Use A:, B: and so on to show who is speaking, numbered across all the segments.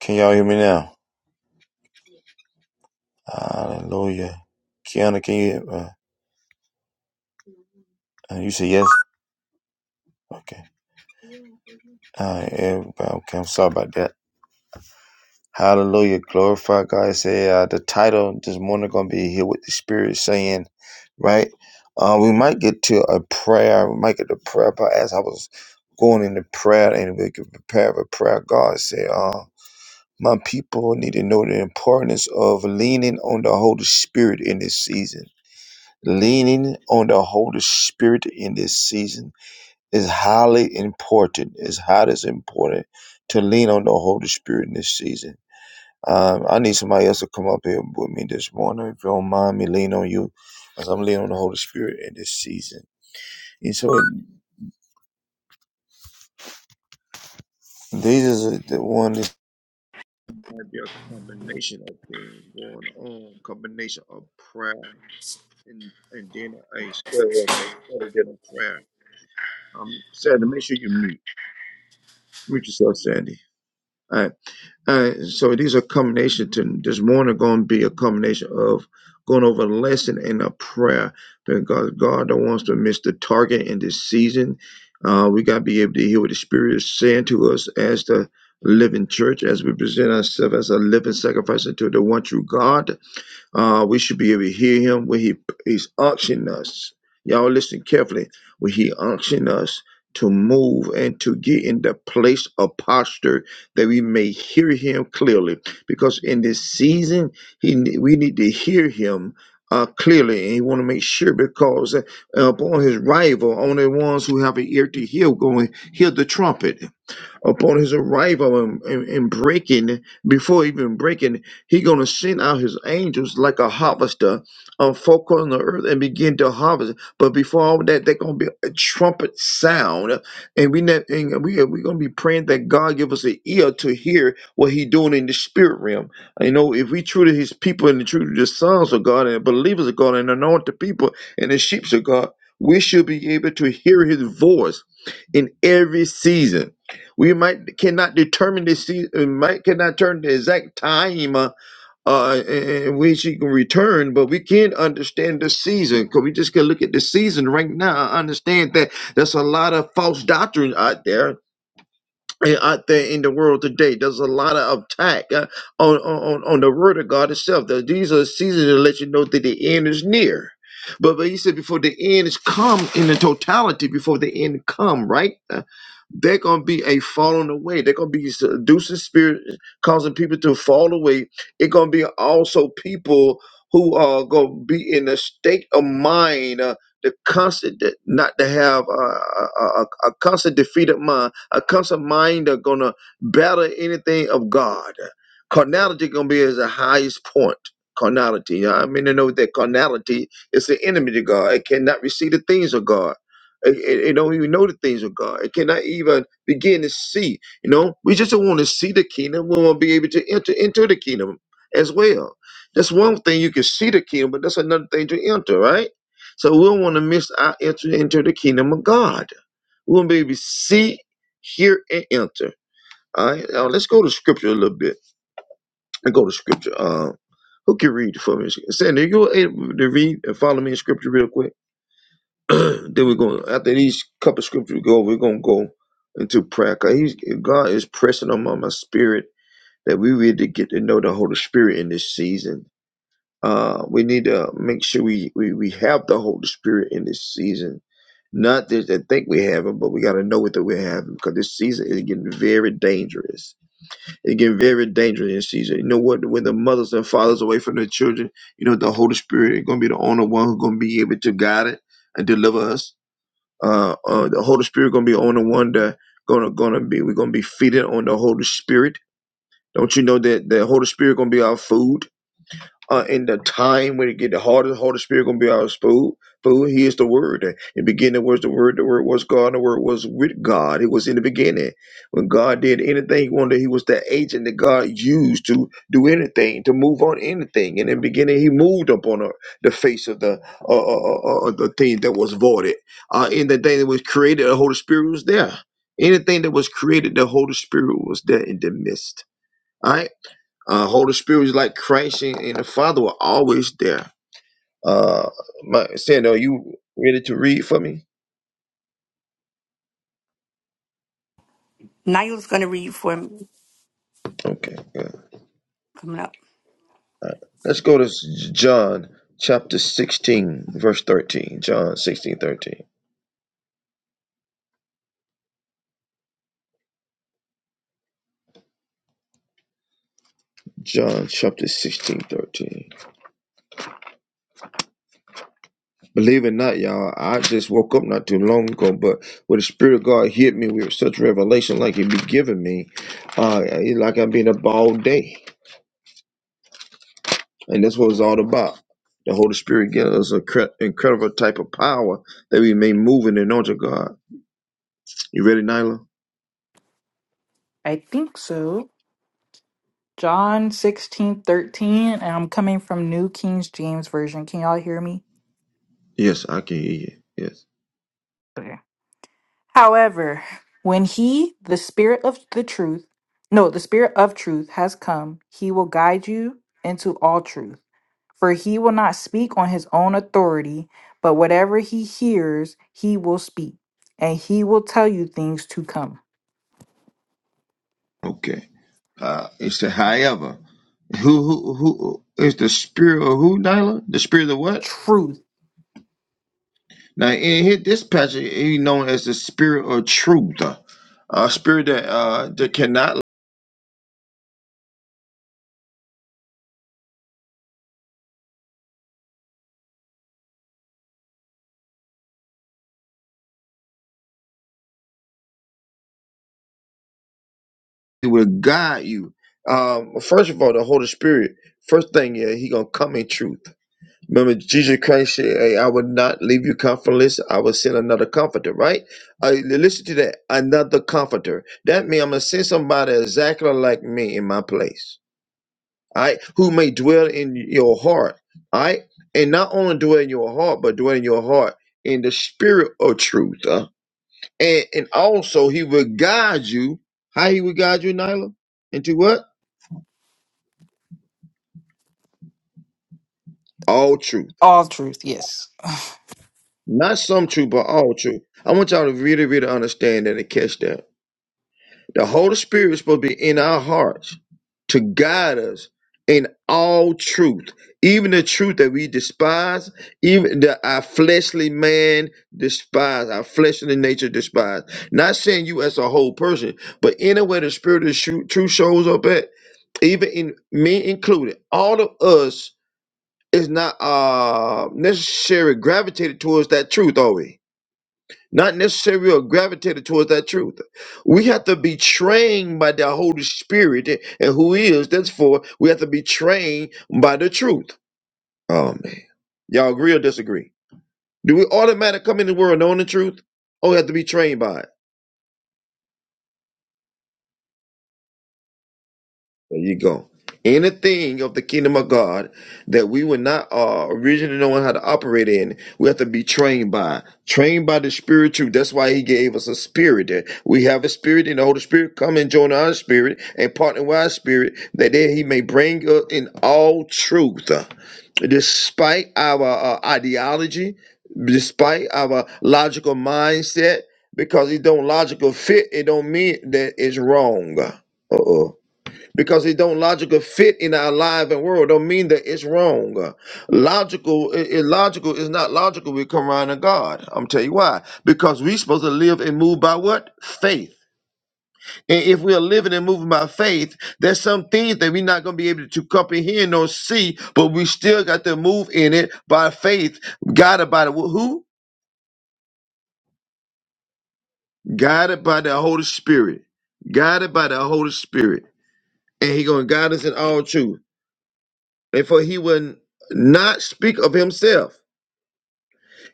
A: Can y'all hear me now? Hallelujah. Kiana, can you? Uh, uh, you say yes. Okay. All right, everybody. Okay, I'm sorry about that. Hallelujah. Glorify God. say uh, the title this morning gonna be here with the Spirit saying, right? Uh, we might get to a prayer. We might get to prayer. But as I was going into prayer and we could prepare for prayer, God said, uh, my people need to know the importance of leaning on the Holy Spirit in this season leaning on the Holy Spirit in this season is highly important. It's highly important to lean on the Holy Spirit in this season. Um, I need somebody else to come up here with me this morning. If you don't mind me leaning on you, as I'm leaning on the Holy Spirit in this season. And so these is the one that might be a combination of things going on, combination of prayer and and then a struggle, so other than a prayer. Um, Sandy, make sure you mute. Mute yourself, Sandy. All right. All right. So these are combination to this morning going to be a combination of going over a lesson and a prayer because God don't want us to miss the target in this season. Uh, we got to be able to hear what the Spirit is saying to us as the living church, as we present ourselves as a living sacrifice unto the one true God. Uh, we should be able to hear him when he he's unctioning us. Y'all listen carefully. When he unctioning us to move and to get in the place of posture that we may hear him clearly. Because in this season, he we need to hear him uh, clearly, and he want to make sure because uh, upon his rival, only ones who have an ear to hear going hear the trumpet upon his arrival and, and, and breaking, before even breaking, he going to send out his angels like a harvester on folk on the earth and begin to harvest. But before all that, they're going to be a trumpet sound. And we not, and we are, going to be praying that God give us an ear to hear what he doing in the spirit realm. You know, if we true to his people and true to the sons of God and believers of God and anointed people and the sheep of God, we should be able to hear his voice in every season we might cannot determine the season, might cannot turn the exact time uh, uh, in which she can return, but we can understand the season because we just can look at the season right now. I understand that there's a lot of false doctrine out there and out there in the world today. There's a lot of attack uh, on, on on the word of God itself. That these are seasons to let you know that the end is near. But but he said before the end is come in the totality, before the end come, right? Uh, they're gonna be a falling away. They're gonna be seducing spirit, causing people to fall away. It's gonna be also people who are gonna be in a state of mind, uh, the constant, not to have uh, a, a, a a constant defeated mind a constant mind are gonna battle anything of God. Carnality gonna be is the highest point. Carnality. I mean to know that carnality is the enemy to God. It cannot receive the things of God. It, it, it don't even know the things of God. It cannot even begin to see. You know, we just don't want to see the kingdom. We want to be able to enter into the kingdom as well. That's one thing you can see the kingdom, but that's another thing to enter, right? So we don't want to miss our entry into the kingdom of God. We're going to be able to see, hear, and enter. All right, now let's go to scripture a little bit. Let's go to scripture. Um, who can read for me? Sandy, are you able to read and follow me in scripture real quick? then we're going to, after these couple scriptures we go, we're going to go into prayer. 'cause he's, God is pressing on my my spirit that we really get to know the Holy Spirit in this season uh, we need to make sure we, we, we have the Holy Spirit in this season. Not that I think we have him, but we got to know it that we have him because this season is getting very dangerous. It's getting very dangerous in this season. You know what? When the mothers and fathers away from their children, you know, the Holy Spirit is going to be the only one who's going to be able to guide it and deliver us. Uh, uh, the Holy Spirit going to be the only one that gonna gonna be we're gonna be feeding on the Holy Spirit. Don't you know that the Holy Spirit gonna be our food? uh, in the time when it get the harder, the Holy Spirit gonna be our food. Food. He is the Word. In the beginning was the Word. The Word was God. the Word was with God. It was in the beginning. When God did anything He wanted, He was the agent that God used to do anything, to move on anything. And in the beginning, He moved upon the, the face of the uh, uh, uh, uh, uh, the thing that was voided. Uh, in the thing that was created, the Holy Spirit was there. Anything that was created, the Holy Spirit was there in the midst. All right? Uh, Holy Spirit was like Christ and, and the Father were always there. Uh, my, Sandra, are you ready to read for me?
B: Nigel's going to read for me
A: Okay, good.
B: coming up.
A: All right. Let's go to S- John chapter 16, verse 13. John 16 13. John chapter sixteen thirteen. Believe it or not, y'all, I just woke up not too long ago, but when the Spirit of God hit me with such revelation like He be giving me, uh, it- like I've been up all day. And that's what it's all about. The Holy Spirit gives us an incredible type of power that we may move in the knowledge of God. You ready, Nyla?
C: I think so. John 16 13, and I'm coming from New King James Version. Can y'all hear me?
A: Yes, I can hear you. Yes.
C: Okay. However, when he, the spirit of the truth, no, the spirit of truth has come, he will guide you into all truth. For he will not speak on his own authority, but whatever he hears, he will speak, and he will tell you things to come.
A: Okay. Uh, it's the however. Who, who, who is the spirit of who, Nyla? The spirit of what?
C: Truth.
A: Now, in here, this passage is known as the spirit of truth, a spirit that, uh, that cannot lie, it will guide you. Um, first of all, the Holy Spirit, first thing, yeah, he gonna come in truth. Remember, Jesus Christ said, hey, I will not leave you comfortless. I will send another comforter, right? Uh, listen to that. Another comforter. That means I'm going to send somebody exactly like me in my place, all right? Who may dwell in your heart, all right? And not only dwell in your heart, but dwell in your heart in the spirit of truth. huh? And, and also, he will guide you. How he will guide you, Nyla? Into what? All truth.
C: All truth, yes.
A: Not some truth, but all truth. I want y'all to really, really understand that and catch that The Holy Spirit is supposed to be in our hearts to guide us in all truth, even the truth that we despise, even that our fleshly man despise, our fleshly nature despise. Not saying you as a whole person, but anywhere the Spirit of shu- truth shows up at, even in me included, all of us is not uh necessarily gravitated towards that truth, are we? not necessarily are gravitated towards that truth. We have to be trained by the Holy Spirit and who He is. That's for we have to be trained by the truth. Oh man, y'all agree or disagree? Do we automatically come in the world knowing the truth? Or we have to be trained by it? There you go. Anything of the kingdom of God that we were not uh, originally knowing how to operate in, we have to be trained by. Trained by the Spirit too. That's why He gave us a spirit. That we have a spirit, and the Holy Spirit come and join our spirit and partner with our spirit, that there He may bring us in all truth, despite our uh, ideology, despite our logical mindset. Because it don't logical fit, it don't mean that it's wrong. Uh oh because it don't logical fit in our life and world don't mean that it's wrong Uh, logical i- illogical is not logical we come around to god i'm tell you why because we supposed to live and move by what faith and if we are living and moving by faith there's some things that we're not going to be able to comprehend or see but we still got to move in it by faith guided by the who guided by the holy spirit guided by the holy spirit and he gonna guide us in all truth And for he would not speak of himself.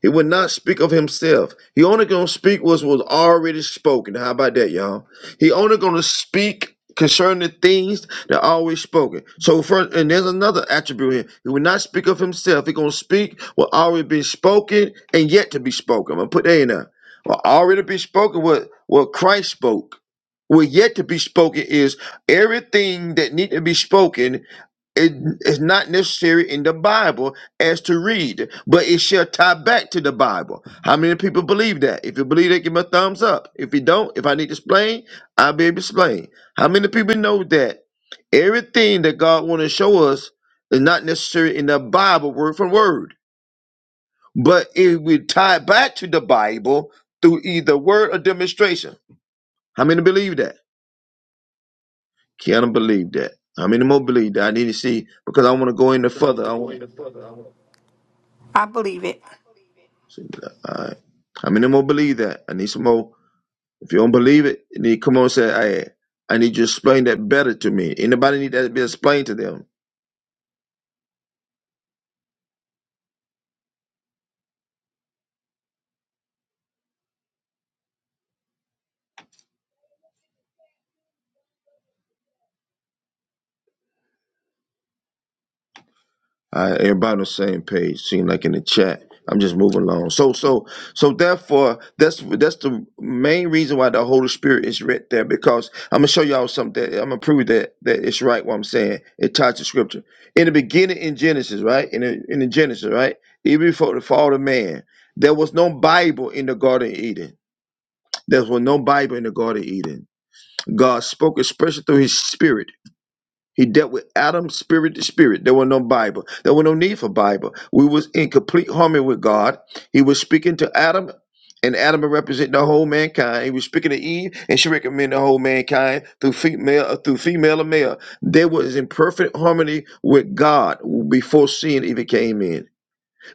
A: He would not speak of himself. He only gonna speak what was already spoken. How about that, y'all? He only gonna speak concerning the things that are always spoken. So first, and there's another attribute here. He would not speak of himself. He gonna speak what already been spoken and yet to be spoken. I'm gonna put that in there. What already be spoken, what what Christ spoke. What yet to be spoken is everything that need to be spoken it is not necessary in the Bible as to read, but it shall tie back to the Bible. How many people believe that? If you believe that, give me a thumbs up. If you don't, if I need to explain, I'll be able to explain. How many people know that everything that God want to show us is not necessary in the Bible word for word, but it will tie back to the Bible through either word or demonstration. How many believe that? Can I believe that? How many more believe that? I need to see because I want to go into further.
B: I believe it.
A: So, you'd be like, all right. How many more believe that? I need some more. If you don't believe it, then you need come on and say, hey, I need you to explain that better to me. Anybody need that to be explained to them? Uh, everybody on the same page, seem like in the chat. I'm just moving along. So, so, so therefore, that's that's the main reason why the Holy Spirit is right there because I'm gonna show y'all something. That, I'm gonna prove that that it's right what I'm saying. It ties to Scripture. In the beginning, in Genesis, right? In the, in the Genesis, right? Even before the fall of man, there was no Bible in the Garden of Eden. There was no Bible in the Garden of Eden. God spoke expressly through His Spirit he dealt with Adam spirit to spirit. There was no Bible. There was no need for Bible. We was in complete harmony with God. He was speaking to Adam, and Adam represented the whole mankind. He was speaking to Eve, and she recommended the whole mankind through female uh, through female or male. They was in perfect harmony with God before sin even came in.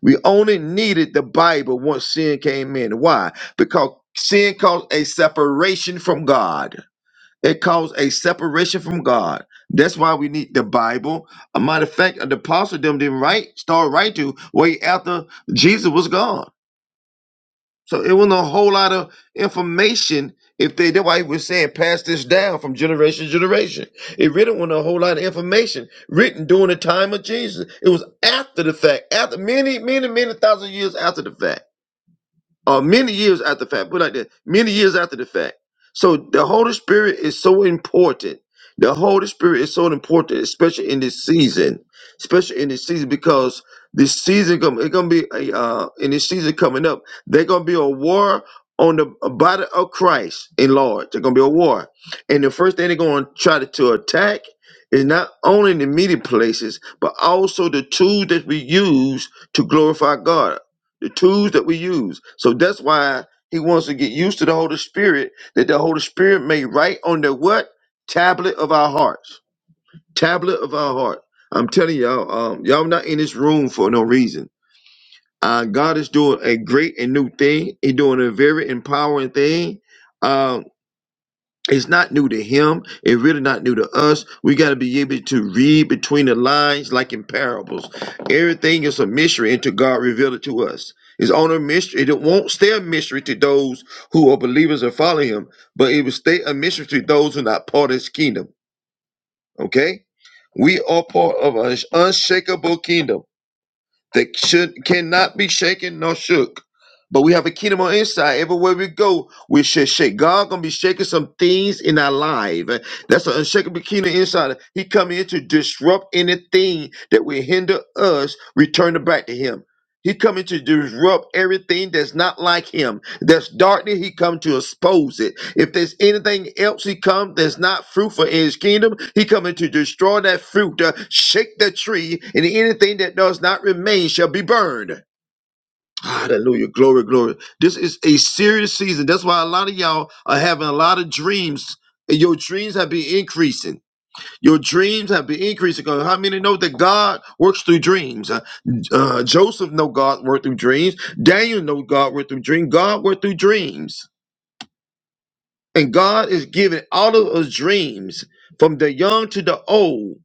A: We only needed the Bible once sin came in. Why? Because sin caused a separation from God. It caused a separation from God. That's why we need the Bible. A matter of fact, the apostle them didn't write, start writing to way after Jesus was gone. So it wasn't a whole lot of information. If they that's why he was saying pass this down from generation to generation. It really wasn't a whole lot of information written during the time of Jesus. It was after the fact, after many, many, many thousand years after the fact uh, many years after the fact, put it like that, many years after the fact. So the Holy Spirit is so important. The Holy Spirit is so important, especially in this season, especially in this season because this season come it's gonna be a uh, in this season coming up. They're gonna be a war on the uh, body of Christ in Lord. They're gonna be a war, and the first thing they're gonna try to, to attack is not only the meeting places but also the tools that we use to glorify God the tools that we use. So that's why he wants to get used to the Holy Spirit, that the Holy Spirit may write on the what? Tablet of our hearts. Tablet of our heart. I'm telling y'all, um, y'all not in this room for no reason. Uh, God is doing a great and new thing. He's doing a very empowering thing. Um, it's not new to him. It's really not new to us. We got to be able to read between the lines, like in parables. Everything is a mystery until God revealed it to us. It's on a mystery. It won't stay a mystery to those who are believers and follow Him, but it will stay a mystery to those who are not part of His kingdom. Okay, we are part of an unshakable kingdom that should cannot be shaken nor shook. But we have a kingdom on inside. Everywhere we go, we should shake. God gonna be shaking some things in our life. Eh, That's an unshakable kingdom inside. He come in to disrupt anything that will hinder us returning back to Him. He coming to disrupt everything that's not like Him. There's darkness, he come to expose it. If there's anything else he come that's not fruitful in his kingdom, he coming to destroy that fruit, to shake the tree, and anything that does not remain shall be burned. Hallelujah. Glory, glory. This is a serious season. That's why a lot of y'all are having a lot of dreams. And your dreams have been increasing. Your dreams have been increasing. 'Cause How many know that God works through dreams? Uh, uh, Joseph know God worked through dreams. Daniel know God worked through dreams. God worked through dreams. And God is giving all of us dreams from the young to the old,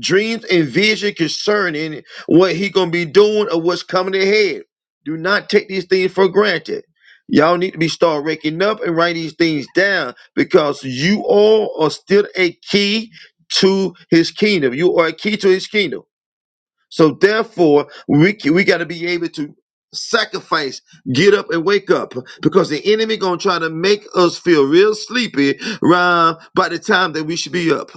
A: dreams and vision concerning what He gonna be doing or what's coming ahead. Do not take these things for granted. Y'all need to be start waking up and write these things down because you all are still a key to his kingdom. You are a key to his kingdom. So therefore, we we got to be able to sacrifice, get up and wake up, because the enemy gonna try to make us feel real sleepy around by the time that we should be up.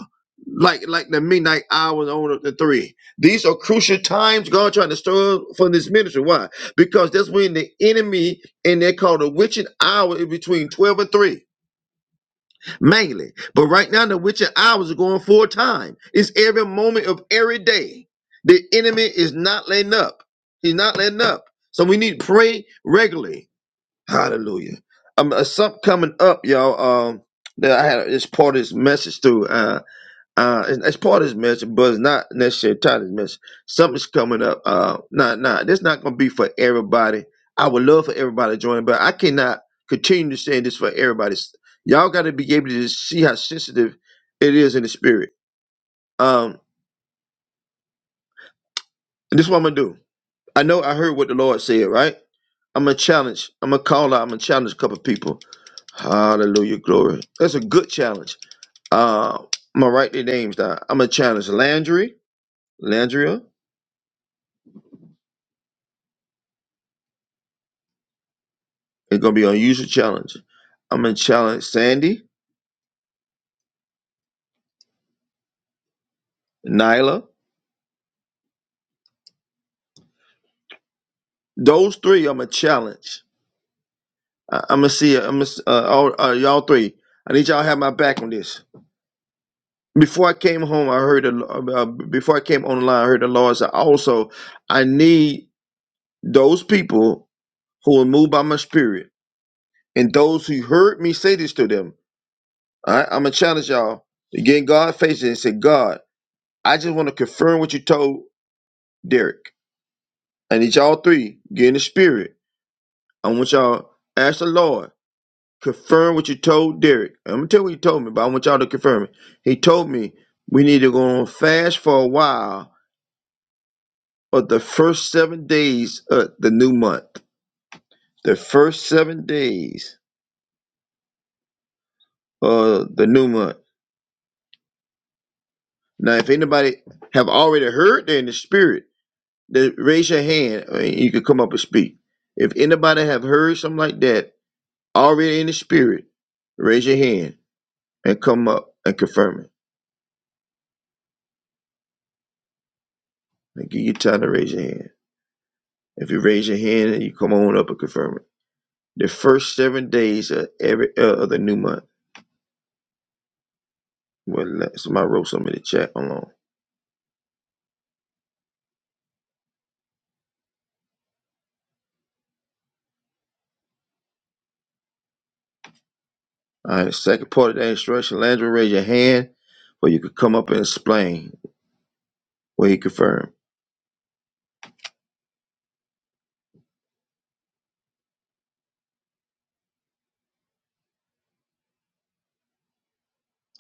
A: Like like the midnight hours on up to three. These are crucial times God trying to stir up for this ministry. Why? Because that's when the enemy and they call the witching hour in between twelve and three mainly. But right now, the witching hours are going full time. It's every moment of every day. The enemy is not letting up. He's not letting up. So we need to pray regularly. Hallelujah. Um, uh, something coming up, y'all. Um, that I had this part of this message through. Uh, uh, it's, it's part of his message, but it's not necessarily tied to his message. Something's coming up. Uh, nah, nah, this not gonna be for everybody. I would love for everybody to join, but I cannot continue to say this for everybody. Y'all got to be able to see how sensitive it is in the spirit. Um, this is what I'm gonna do. I know I heard what the Lord said, right? I'm gonna challenge. I'm gonna call out. I'm gonna challenge a couple of people. Hallelujah, glory. That's a good challenge. Uh, I'm gonna write their names down. I'm gonna challenge Landry, Landria. It's gonna be an unusual challenge. I'm gonna challenge Sandy, Nyla. Those three I'm gonna challenge. I- I'm gonna see. I'm gonna s- uh, all uh, y'all three. I need y'all to have my back on this. Before I came home, I heard. the- Uh, uh, before I came online, I heard the Lord say, "Also, I need those people who are moved by my spirit, and those who heard me say this to them. All right, I'm gonna challenge y'all to get in God's face and say, God, I just want to confirm what you told Derek. I need y'all three get in the spirit." I want y'all ask the Lord, confirm what you told Derek. I'm gonna tell you what he told me, but I want y'all to confirm it. He told me we need to go on fast for a while of the first seven days of the new month. The first seven days of the new month. Now, if anybody have already heard that in the spirit, then raise your hand and you can come up and speak. If anybody have heard something like that already in the spirit, raise your hand and come up and confirm it. I give you time to raise your hand. If you raise your hand you come on up and confirm it. The first seven days of every uh, of the new month. Well, somebody wrote something in the chat. Hold on. All right. Second part of that instruction, Landry, raise your hand, or you could come up and explain what he confirmed.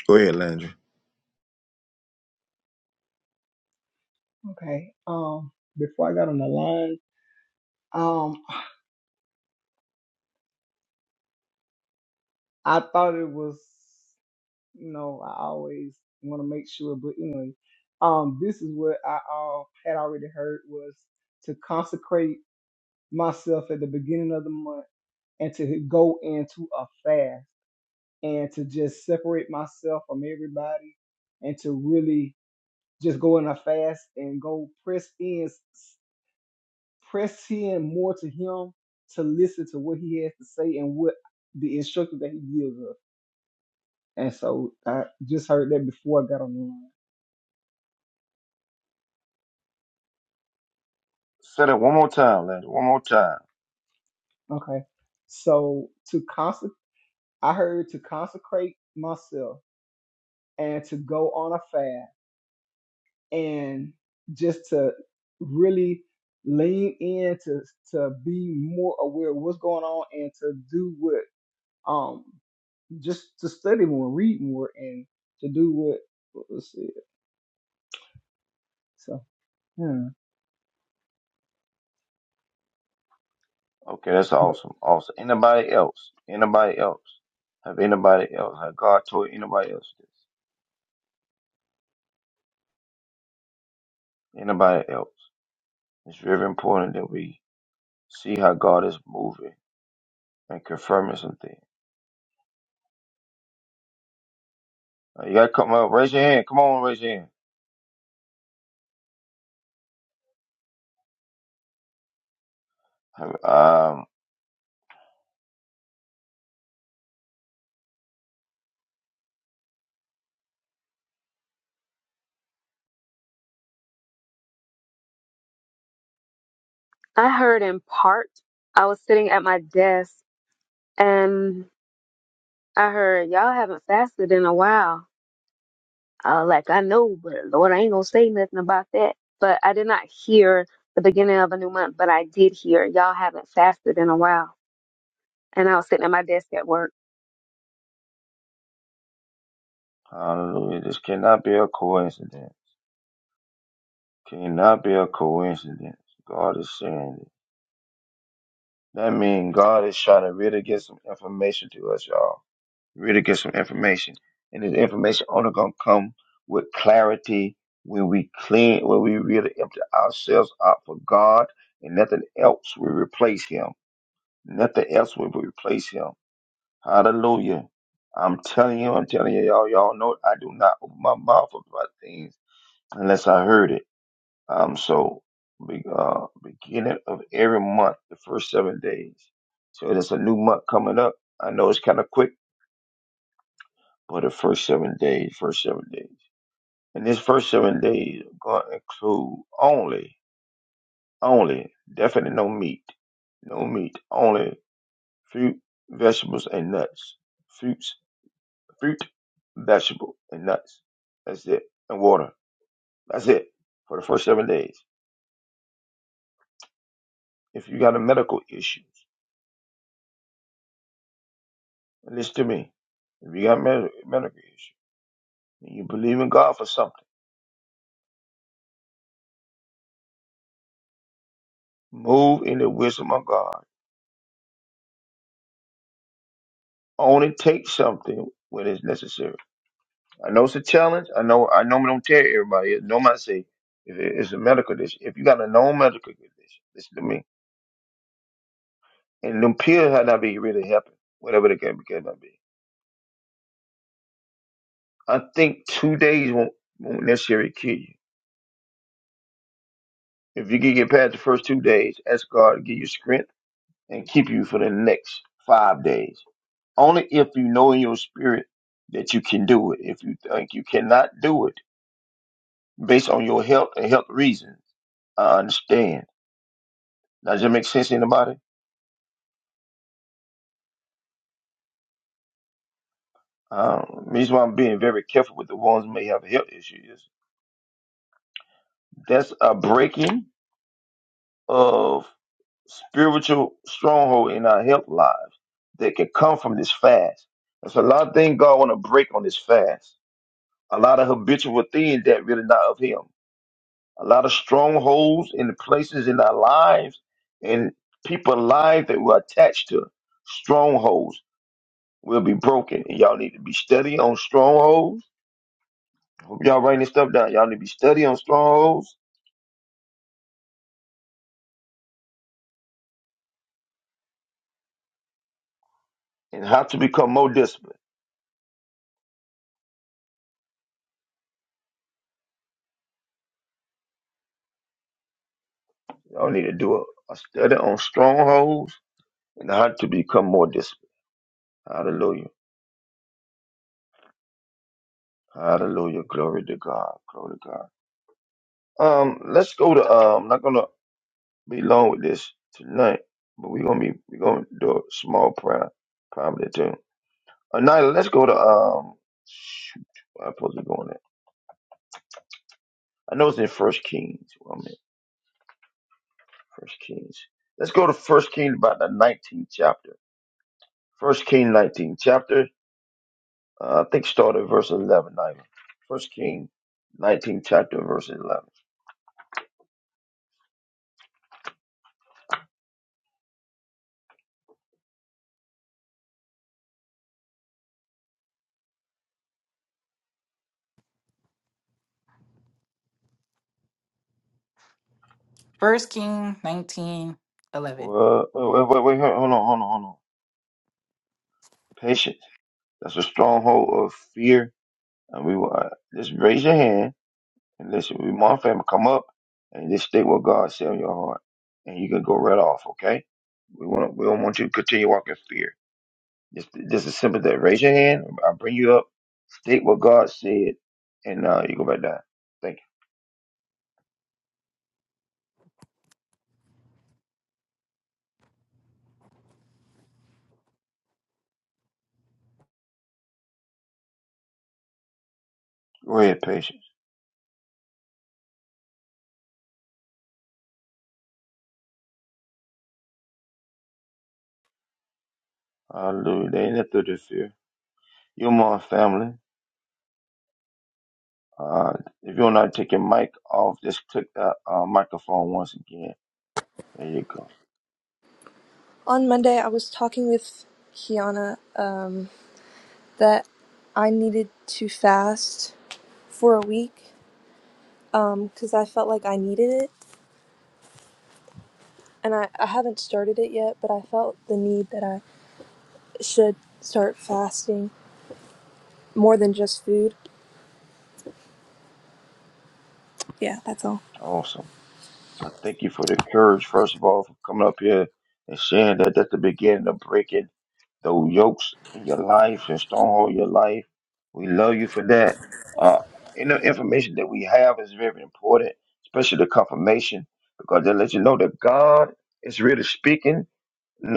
A: Go ahead, Landry.
D: Okay. Um, before I got on the line, um, I thought it was, you know, I always want to make sure, but anyway, um, this is what I uh, had already heard was to consecrate myself at the beginning of the month and to go into a fast and to just separate myself from everybody and to really just go in a fast and go press in. press in more to him to listen to what he has to say and what the instructions that he gives us. And so I just heard that before I got on the
A: Say that one more time, Landry. One more time.
D: line. Okay. So to consec I heard to consecrate myself and to go on a fast and just to really lean in to to be more aware of what's going on and to do what um just to study more, read more and to do what, what was said. So, Hmm.
A: Okay, that's
D: But
A: awesome. Awesome. Anybody else? Anybody else? Have anybody else? Have God told anybody else this? Anybody else? It's very important that we see how God is moving and confirming something. Uh, You gotta come up, raise your hand. Come on, raise your hand. Um,
E: I heard in part. I was sitting at my desk and I heard y'all haven't fasted in a while. I was like, I know, but Lord, I ain't gonna say nothing about that. But I did not hear the beginning of a new month, but I did hear y'all haven't fasted in a while. And I was sitting at my desk at work.
A: hallelujah. This cannot be a coincidence. Cannot be a coincidence. God is saying it. That means God is trying to really get some information to us, y'all. Really get some information. And this information only gonna come with clarity when we clean, when we really empty ourselves out for God and nothing else will replace him. Nothing else will replace him. Hallelujah. I'm telling you, I'm telling you, y'all, y'all know I do not open my mouth about things unless I heard it. Um, so be, uh, beginning of every month, the first seven days. So there's a new month coming up. I know it's kind of quick, but the first seven days, first seven days, and this first seven days are going to include only, only, definitely no meat, no meat, only fruit, vegetables, and nuts, fruits fruit, vegetable, and nuts. That's it. And water. That's it. For the first seven days. If you got a medical issue, listen to me. If you got med- medical issue and you believe in God for something, move in the wisdom of God. Only take something when it's necessary. I know it's a challenge. I know I normally don't tell everybody. Normally I say if it- it's a medical condition. If you got a known medical condition, listen to me. And them pills had not be really helping, whatever the case may be. I think two days won't, won't necessarily kill you. If you can get past the first two days, ask God to give you strength and keep you for the next five days. Only if you know in your spirit that you can do it. If you think you cannot do it based on your health and health reasons, I understand. Now, does that make sense to anybody? Um, reason why I'm being very careful with the ones who may have health issues. That's a breaking of spiritual stronghold in our health lives that can come from this fast. There's a lot of things God want to break on this fast. A lot of habitual things that really not of Him. A lot of strongholds in the places in our lives and people lives that we're attached to. Strongholds will be broken. And y'all need to be studying on strongholds. Hope y'all writing this stuff down. Y'all need to be studying on strongholds and how to become more disciplined. Y'all need to do a, a study on strongholds and how to become more disciplined. Hallelujah. Hallelujah. Glory to God. Glory to God. Um, let's go to uh, I'm not gonna be long with this tonight, but we're gonna be we're gonna do a small prayer probably too. Uh, now let's go to um shoot, where I'm supposed to go on that. I know it's in First Kings. Well, I'm in First Kings. Let's go to First Kings about the nineteenth chapter. First King nineteenth chapter. Uh, I think start at verse eleven, Nigel. First King nineteenth chapter verse eleven.
C: First King nineteen eleven.
A: Well, wait, wait, wait, wait, hold on, hold on, hold on. Patience. That's a stronghold of fear. And we will uh, just raise your hand and listen. We want family come up and just state what God said in your heart, and you can go right off. Okay? We want we don't want you to continue walking in fear. Just just as simple as that. Raise your hand. I'll bring you up. State what God said, and uh, you go back down. Thank you. Go ahead, patience. Hallelujah. They ain't nothing to fear. You're my family. Uh, if you want to take your mic off, just click that uh, microphone once again. There you go.
F: On Monday, I was talking with Kiana um, that I needed to fast for a week because I felt like I needed it. And I, I haven't started it yet, but I felt the need that I should start fasting more than just food. Yeah, that's all.
A: Awesome. I thank you for the courage, first of all, for coming up here and saying that that's the beginning of breaking those yokes in your life and stronghold in your life. We love you for that. Uh, and the information that we have is very important, especially the confirmation, because that lets you know that God is really speaking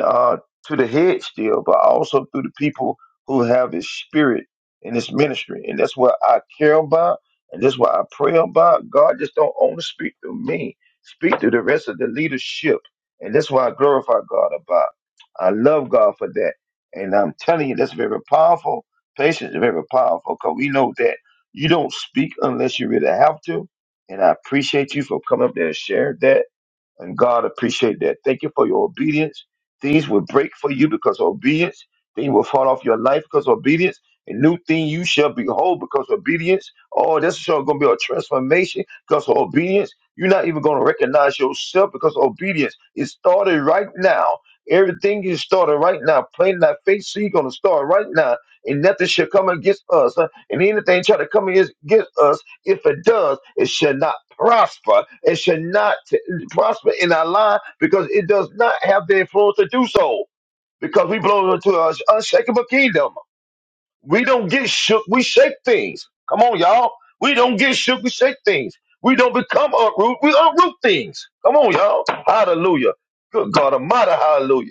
A: uh, to the head still, but also through the people who have his spirit in his ministry. And that's what I care about. And that's what I pray about. God just don't only speak through me, speak through the rest of the leadership. And that's what I glorify God about. I love God for that. And I'm telling you, that's very powerful. Patience is very powerful because we know that you don't speak unless you really have to. And I appreciate you for coming up there and sharing that and God appreciate that. Thank you for your obedience. Things will break for you because of obedience. Things will fall off your life because of obedience. A new thing you shall behold because of obedience. Oh, this is going to be a transformation because of obedience. You're not even going to recognize yourself because of obedience. It started right now. Everything is started right now. Plain that faith seed going to start right now. And nothing shall come against us. huh? And anything try to come against against us, if it does, it shall not prosper. It should not t- prosper in our line because it does not have the influence to do so because we belong to an unshakable kingdom. We don't get shook, we shake things. Come on, y'all. We don't get shook, we shake things. We don't become uproot, we unroot things. Come on, y'all. Hallelujah. Good God Almighty, Hallelujah.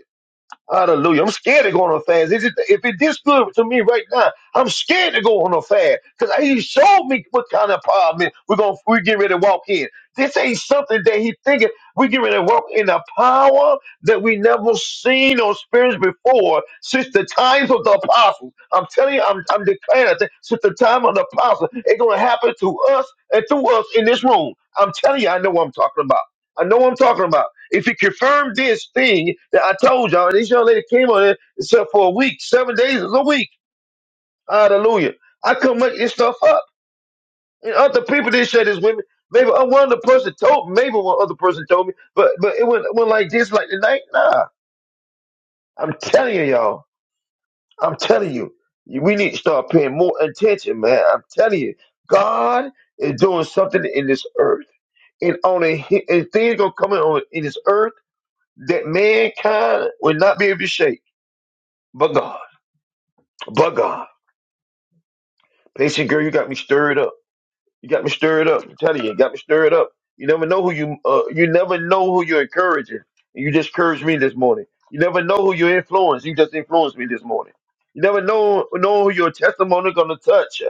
A: Hallelujah. I'm scared to go on a fast. If it, if it this good to me right now, I'm scared to go on a fast because he showed me what kind of empowerment we're going to we get ready to walk in. This ain't something that he thinking. We get ready to walk in a power that we never seen or experienced before since the times of the apostles. I'm telling you, I'm, I'm declaring that since the time of the apostles, it's going to happen to us and through us in this room. I'm telling you, I know what I'm talking about. I know what I'm talking about. If he confirmed this thing that I told y'all, and this young lady came on it except for a week, seven days is a week. Hallelujah. I couldn't make this stuff up. And other people didn't share this with me. Maybe uh, one other person told me, maybe one other person told me, but but it went, went like this, like tonight. Nah, I'm telling you, y'all. I'm telling you. You- We need to start paying more attention, man. I'm telling you. God is doing something in this earth and on a and things gonna come in on in this earth that mankind will not be able to shake. But God, but God. Patient girl, you got me stirred up. You got me stirred up. I'm telling you, you got me stirred up. You never know who you uh, you never know who you're encouraging. And you just encouraged me this morning. You never know who you influence. You just influenced me this morning. You never know know who your testimony gonna touch.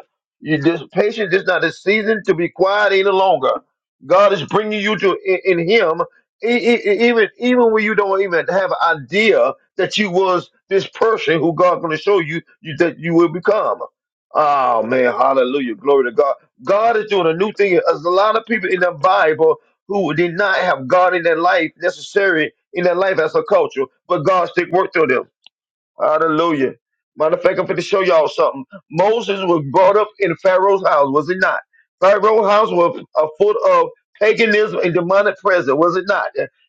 A: You just patience is not a season to be quiet any longer. God is bringing you to in, in Him, e- e- e- even even when you don't even have an idea that you was this person who God gonna show you, you that you will become. Oh man, hallelujah, glory to God. God is doing a new thing. There's a lot of people in the Bible who did not have God in their life necessary in their life as a culture, but God still worked through them. Hallelujah. Matter of fact, I'm finna show y'all something. Moses was brought up in Pharaoh's house, was it not? Pharaoh's house was a foot of paganism and demonic presence, was it not?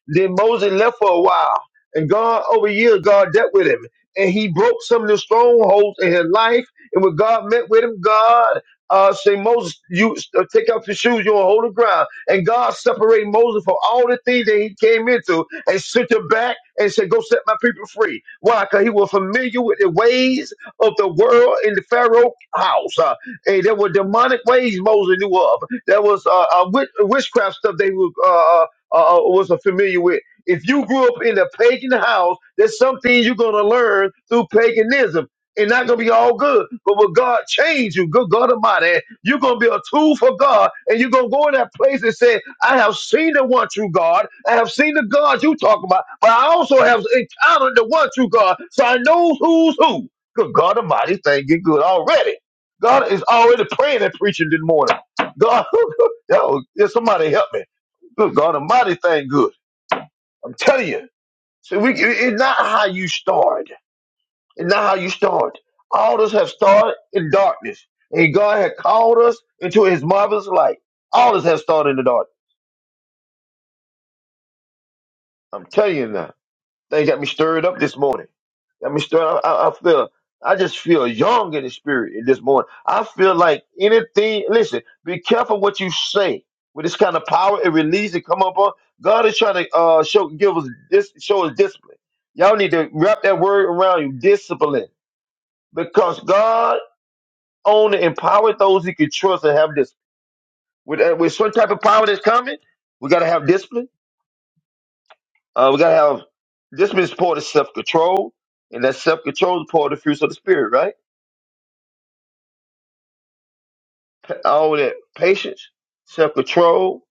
A: Then Moses left for a while, and God, over years, God dealt with him. And he broke some of the strongholds in his life. And when God met with him, God uh, said, Moses, you uh, take off your shoes, you're on holy ground. And God separated Moses from all the things that he came into and sent him back and said, Go set my people free. Why? Because he was familiar with the ways of the world in the Pharaoh house. Uh, and there were demonic ways Moses knew of. There was uh, uh, wit- witchcraft stuff they were, uh, uh, uh, uh, was familiar with. If you grew up in a pagan house, there's something you're going to learn through paganism it's not gonna be all good. But when God change you, good God Almighty, you're gonna be a tool for God, and you're gonna go in that place and say, "I have seen the one true God. I have seen the God you talk about, but I also have encountered the one true God, so I know who's who." Good God Almighty, thank you, good already. God is already praying and preaching this morning. God, yo, yeah, somebody help me. Good God Almighty, thank good. I'm telling you. So we, it's not how you start. It's not how you start. All of us have started in darkness, and God had called us into His marvelous light. All of us have started in the dark. I'm telling you now. They got me stirred up this morning. Got me stirred up. I, I feel. I just feel young in the spirit in this morning. I feel like anything. Listen, be careful what you say. With this kind of power and release that come up on, God is trying to uh, show give us this show us discipline. Y'all need to wrap that word around you, discipline, because God own and empower those he can trust and have this With, uh, with some type of power that's coming, we got to have discipline. Uh, we got to have discipline is part of self control, and that self control is part of the fruits of the spirit, right? All that patience, self control,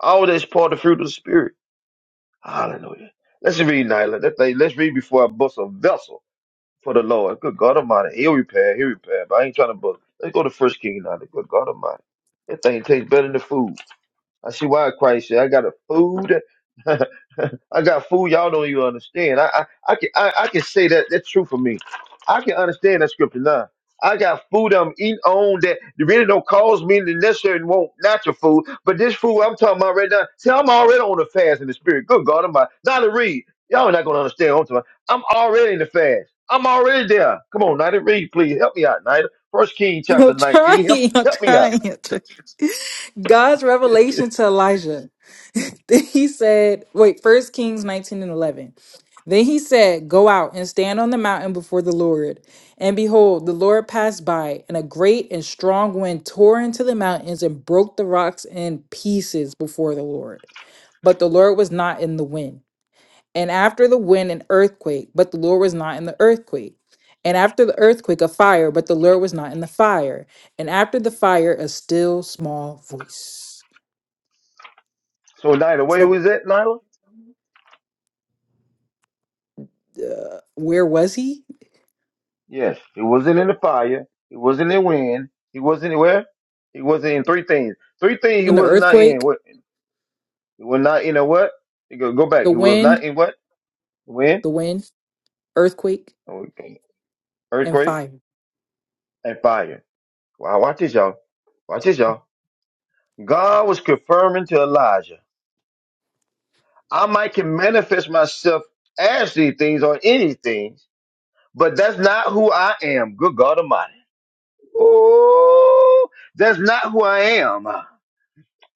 A: all that's part of the fruit of the spirit. Hallelujah. Let's read, Nyla. That thing, let's read before I bust a vessel for the Lord. Good God Almighty. He'll repair, he'll repair. But I ain't trying to bust. Let's go to First King, Nyla. Good God Almighty. That thing tastes better than the food. I see why Christ said, I got a food. I got food y'all don't even understand. I, I, I can I, I can say that that's true for me. I can understand that scripture now. I got food I'm eating on that really don't cause me to necessarily want natural food, but this food I'm talking about right now, see, I'm already on the fast in the spirit. Good God, I'm not to read. Y'all are not gonna understand what I'm talking about. I'm already in the fast. I'm already there. Come on, Nida, read, please. Help me out, Nida. First King chapter
C: I'm
A: 19. Help
C: trying. I'm
A: help me out.
C: trying. I'm trying. God's revelation to Elijah. then he said, wait, first Kings 19 and 11. Then he said, Go out and stand on the mountain before the Lord. And behold, the Lord passed by, and a great and strong wind tore into the mountains and broke the rocks in pieces before the Lord. But the Lord was not in the wind. And after the wind, an earthquake, but the Lord was not in the earthquake. And after the earthquake, a fire, but the Lord was not in the fire. And after the fire, a still small voice.
A: So Nida, where
C: So,
A: was that, Nida?
C: uh, where was he?
A: Yes, he wasn't in the fire. He wasn't in wind. He wasn't in where? He wasn't in three things. Three things he
C: In the
A: was not in.
C: earthquake,
A: What? He was not in a what? He go, go back.
C: the
A: He was not
C: wind,
A: in what? Wind,
C: the wind, earthquake,
A: okay,
C: and
A: earthquake,
C: fire.
A: and fire. Wow, watch this, y'all. Watch this, y'all. God was confirming to Elijah, I might can manifest myself as these things or any things, but that's not who I am. Good God Almighty. Oh, that's not who I am.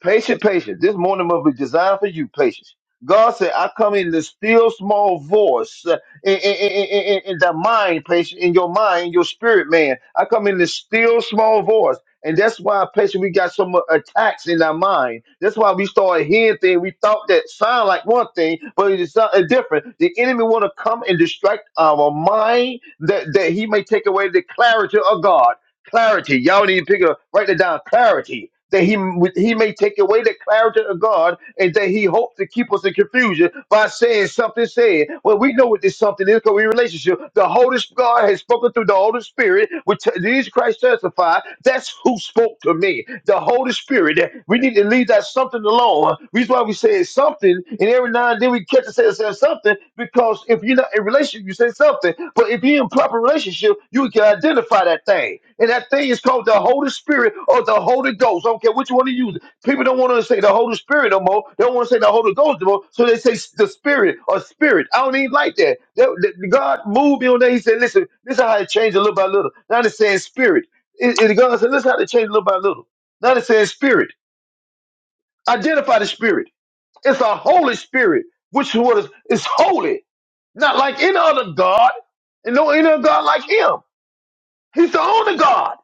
A: Patient, patience. This morning must be designed for you, patience. God said, I come in the still small voice uh, in, in, in, in, in in the mind, patient, in your mind, in your spirit, man. I come in the still small voice. And that's why, patient, we got so much attacks in our mind. That's why we started hearing things. We thought that sound like one thing, but it's something different. The enemy want to come and distract our mind that, that he may take away the clarity of God. Clarity. Y'all need to pick up, write it down. Clarity. That he he may take away the clarity of God, and that he hopes to keep us in confusion by saying something said. Well, we know what this something is because we in relationship. The Holy Sp- God has spoken through the Holy Spirit, which t- Jesus Christ testified. That's who spoke spoke to me. The Holy Spirit. We need to leave that something alone. Reason why we say something, and every now and then we catch ourselves saying something because if you're not in relationship, you say something. But if you're in proper relationship, you can identify that thing, and that thing is called the Holy Spirit or the Holy Ghost. I don't care which one you use. People don't want to say the Holy Spirit no more. They don't want to say the Holy Ghost no more. So they say s- the Spirit or Spirit. I don't even like that. That- that- God moved me on that. He said, "Listen, this is how it changed a little by little." Now they're saying Spirit. It, it, God said, let's have to change little by little. Now it says spirit. Identify the spirit. It's a holy spirit, which was is holy, not like any other God, and no any other God like him. He's the only God.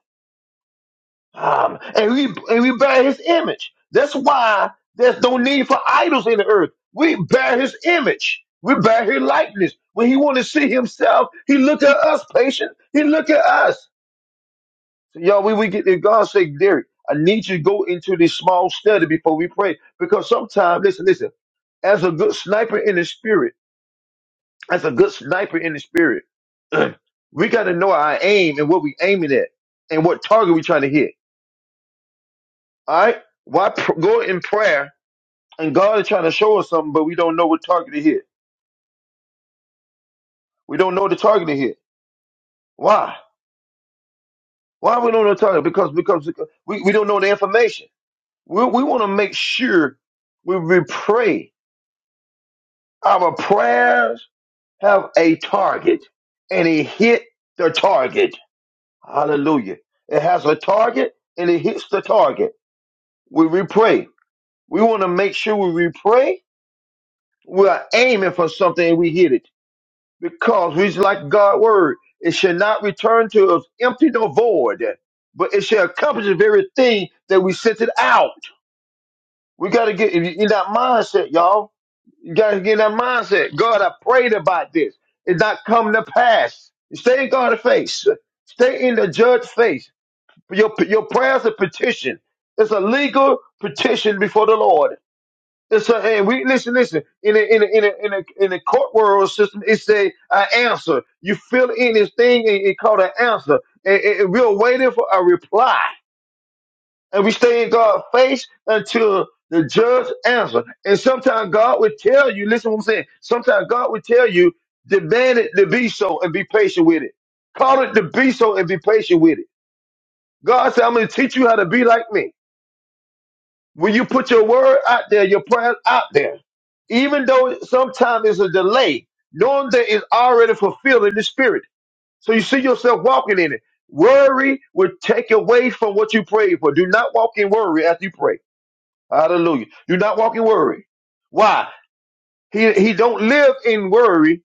A: Um, and we and we bear his image. That's why there's no need for idols in the earth. We bear his image. We bear his likeness. When he wanted to see himself, he looked at us, patient. He looked at us. Yo, when we get there, God say, Derek, I need you to go into this small study before we pray. Because sometimes, listen, listen, as a good sniper in the spirit, as a good sniper in the spirit, we got to know our aim and what we aiming at and what target we trying to hit. All right? Why pr- go in prayer and God is trying to show us something, but we don't know what target to hit. We don't know the target to hit. Why? Why we don't know the target? Because because because we, we don't know the information. We, we want to make sure we, we pray Our prayers have a target, and it hit the target. Hallelujah. It has a target, and it hits the target. When we pray, we want to make sure when we pray, we're aiming for something and we hit it. Because we like God's word. It shall not return to us empty nor void, but it shall accomplish the very thing that we sent it out. We got to get in that mindset, y'all You gotta get in that mindset. God, I prayed about this. It's not come to pass. Stay in God's face. Stay in the judge's face. Your your prayers a petition. It's a legal petition before the Lord. It's a, and we listen, listen. In the in the in the in the in the court world system, it's a, an answer. You fill in this thing and it called an answer. and and we're waiting for a reply and we stay in God's face until the judge answer. And sometimes God will tell you, listen to what I'm saying. Sometimes God will tell you, demand it to be so and be patient with it. Call it to be so and be patient with it. God said, I'm going to teach you how to be like me. When you put your word out there, your prayers out there, even though sometimes it's a delay, knowing that it's already fulfilled in the spirit. So you see yourself walking in it. Worry will take away from what you prayed for. Do not walk in worry after you pray. Hallelujah. Do not walk in worry. Why? He he don't live in worry,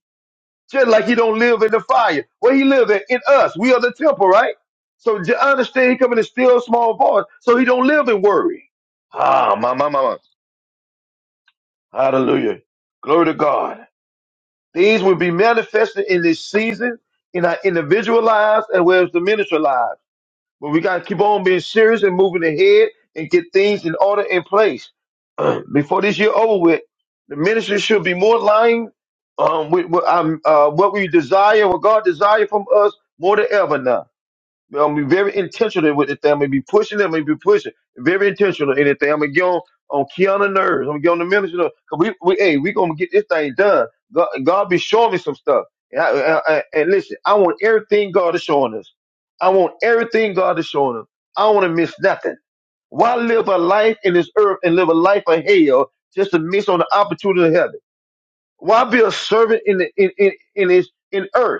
A: just like he don't live in the fire. Where he live at? In us. We are the temple, right? So j- understand he coming in a still small voice. So he don't live in worry. Ah, my my my. my. Hallelujah. Glory to God. These will be manifested in this season in our individual lives as well as the ministry lives. But we got to keep on being serious and moving ahead and get things in order in place. Before this year over with, the ministry should be more aligned um, with, with um, uh, what we desire, what God desires from us more than ever now. I'm gonna be very intentional with it. I'm gonna be pushing it. I'm gonna be pushing. Very intentional in it. I'm gonna get on on Keanu nerves. I'm gonna get on the minister. Cause we, we, hey, we gonna get this thing done. God, God be showing me some stuff. And, I, I, I- and listen, I want everything God is showing us. I want everything God is showing us. I don't want to miss nothing. Why live a life in this earth and live a life of hell just to miss on the opportunity of heaven? Why be a servant in the in in, in this in earth?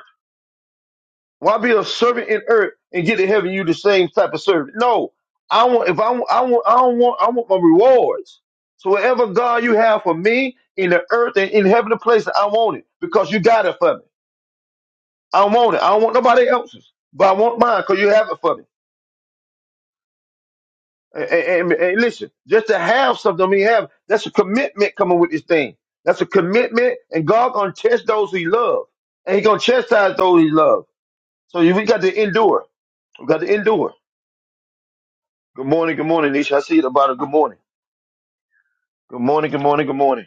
A: Why be a servant in earth and get to heaven? You the same type of servant. No, I want if I want I want I don't want I want my rewards. So whatever God you have for me in the earth and in heaven, the place I want it because you got it for me. I want it. I don't want nobody else's, but I want mine because you have it for me. And, and- and- and listen, just to have something, I mean, have that's a commitment coming with this thing. That's a commitment, and God gonna test those He love, and He gonna chastise those He love. So you- we got to endure. We got to endure. Good morning, good morning, Nisha. I see you at the bottom. Good morning. Good morning, good morning, good morning.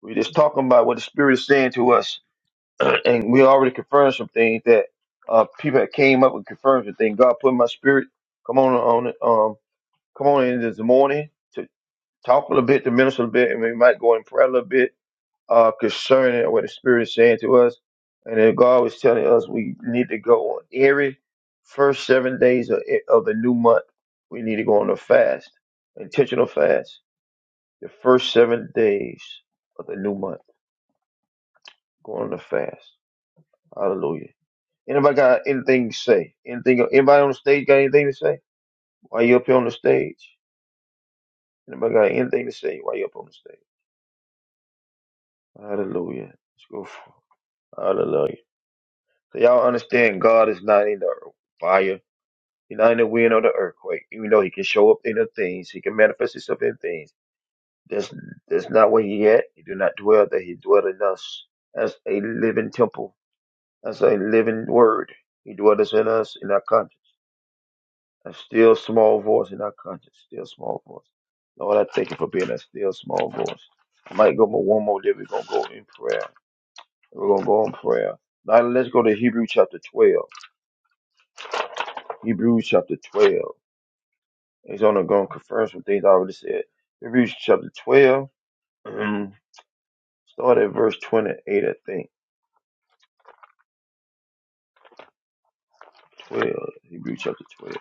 A: We're just talking about what the Spirit is saying to us. and we already confirmed some things that uh, people that came up and confirmed some things. God put in my spirit. Come on on it. Um, come on in this morning to talk a little bit, to minister a little bit, and we might go in prayer a little bit uh, concerning what the Spirit is saying to us. And then God was telling us we need to go on every first seven days of, of the new month. We need to go on a fast, intentional fast The first seven days of the new month, going to fast. Hallelujah. Anybody got anything to say? Anything? Anybody on the stage got anything to say? Why you up here on the stage? Anybody got anything to say? Why you up on the stage? Hallelujah. Let's go. For, hallelujah. So y'all understand God is not in the fire. He's not in the wind or the earthquake. Even though he can show up in the things, he can manifest himself in things. That's that's not where he at. He do not dwell there. He dwell in us as a living temple. as a living word. He dwells in us in our conscience. A still small voice in our conscience. Still small voice. Lord, I thank you for being a still small voice. I might go more one more day. We're gonna go in prayer. We're gonna go in prayer. Now let's go to Hebrews chapter twelve. Hebrews chapter twelve. He's only gonna confirm some things I already said. Hebrews chapter twelve. um, Start at verse twenty-eight, I think. Twelve. Hebrews chapter twelve.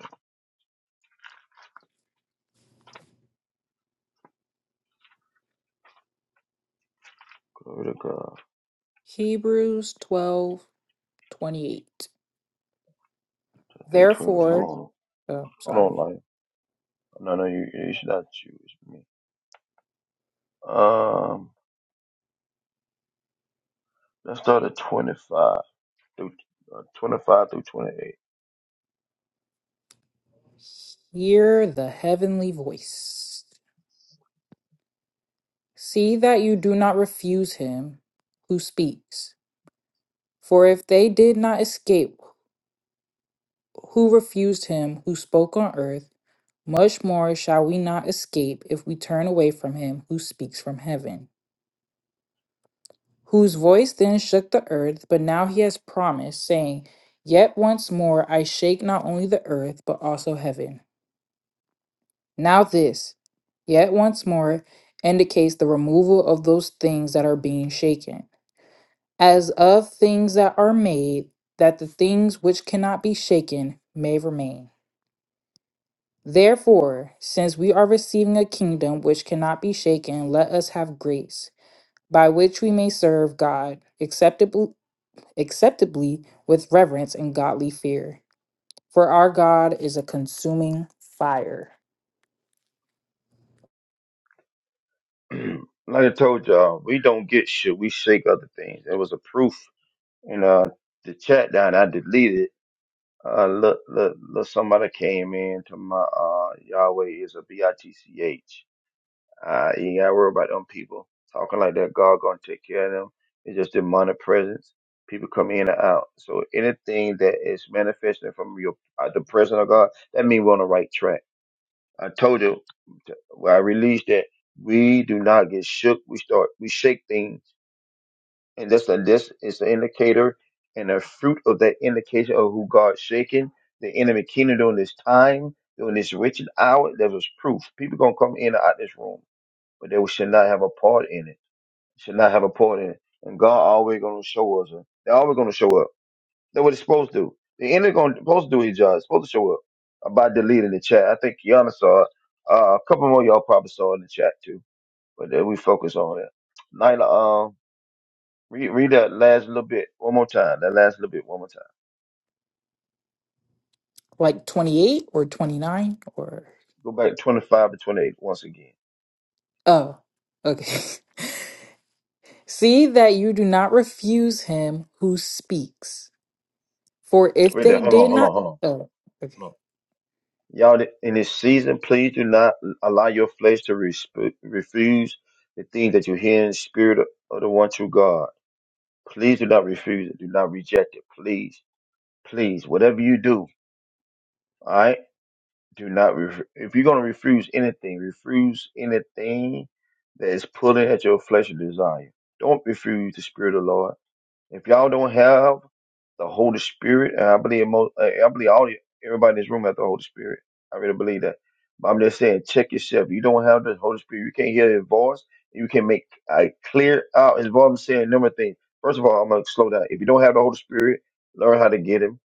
A: Glory to God.
C: Hebrews twelve twenty eight.
A: I think twelve.
C: Therefore,
A: Hold on.
C: oh,
A: Hold on,
C: sorry,
A: light. No, no, you, you should not choose me. Um, let's start at 25 through uh, 25 through 28.
C: hear the heavenly voice. See that you do not refuse him who speaks. For if they did not escape who refused him who spoke on earth, much more shall we not escape if we turn away from him who speaks from heaven. Whose voice then shook the earth, but now he has promised, saying, Yet once more I shake not only the earth, but also heaven. Now this, yet once more, indicates the removal of those things that are being shaken, as of things that are made, that the things which cannot be shaken may remain. Therefore, since we are receiving a kingdom which cannot be shaken, let us have grace, by which we may serve God acceptably, acceptably with reverence and godly fear. For our God is a consuming fire.
A: like I told y'all, we don't get shit. We shake other things. There was a proof in uh the chat down. I deleted. Uh, look, look, look, somebody came in to my uh Yahweh is a bitch. Uh, you ain't gotta worry about them people talking like that. God gonna take care of them. It's just demonic presence. People come in and out. So anything that is manifesting from your uh, the presence of God, that means we're on the right track. I told you when I released that we do not get shook. We start we shake things, and that's a this is an indicator and a fruit of that indication of who God's shaking. The enemy kingdom during this time, during this wretched hour, there was proof. People gonna come in and out this room but they should not have a part in it. Should not have a part in it. And God always gonna show us. They're always gonna show up. That's what it's supposed to. do. The enemy gonna supposed to do his job. It's supposed to show up. About deleting the chat, I think Kiana saw it. Uh, a couple more of y'all probably saw it in the chat too, but then we focus on it. Nyla, um, read, read that last little bit one more time. That last little bit one more time.
C: Like 28 or 29 or.
A: Go back twenty five to twenty eight once again.
C: Oh, okay. See that you do not refuse him who speaks. For if
A: Read that.
C: they
A: Hold on,
C: did
A: hold on,
C: not.
A: hold
C: Oh, okay.
A: on. Y'all, in this season, please do not allow your flesh to resp- refuse the things that you hear in the spirit of, of the one true God. Please do not refuse it. Do not reject it. Please, please, whatever you do, all right? Do not, ref- if you're going to refuse anything, refuse anything that is pulling at your fleshly desire. Don't refuse the spirit of the Lord. If y'all don't have the Holy Spirit, and I believe most, I believe all everybody in this room has the Holy Spirit. I really believe that. But I'm just saying, check yourself. You don't have the Holy Spirit. You can't hear His voice. You can make I clear out His voice. I'm saying a number of things. First of all, I'm gonna slow down. If you don't have the Holy Spirit, learn how to get Him.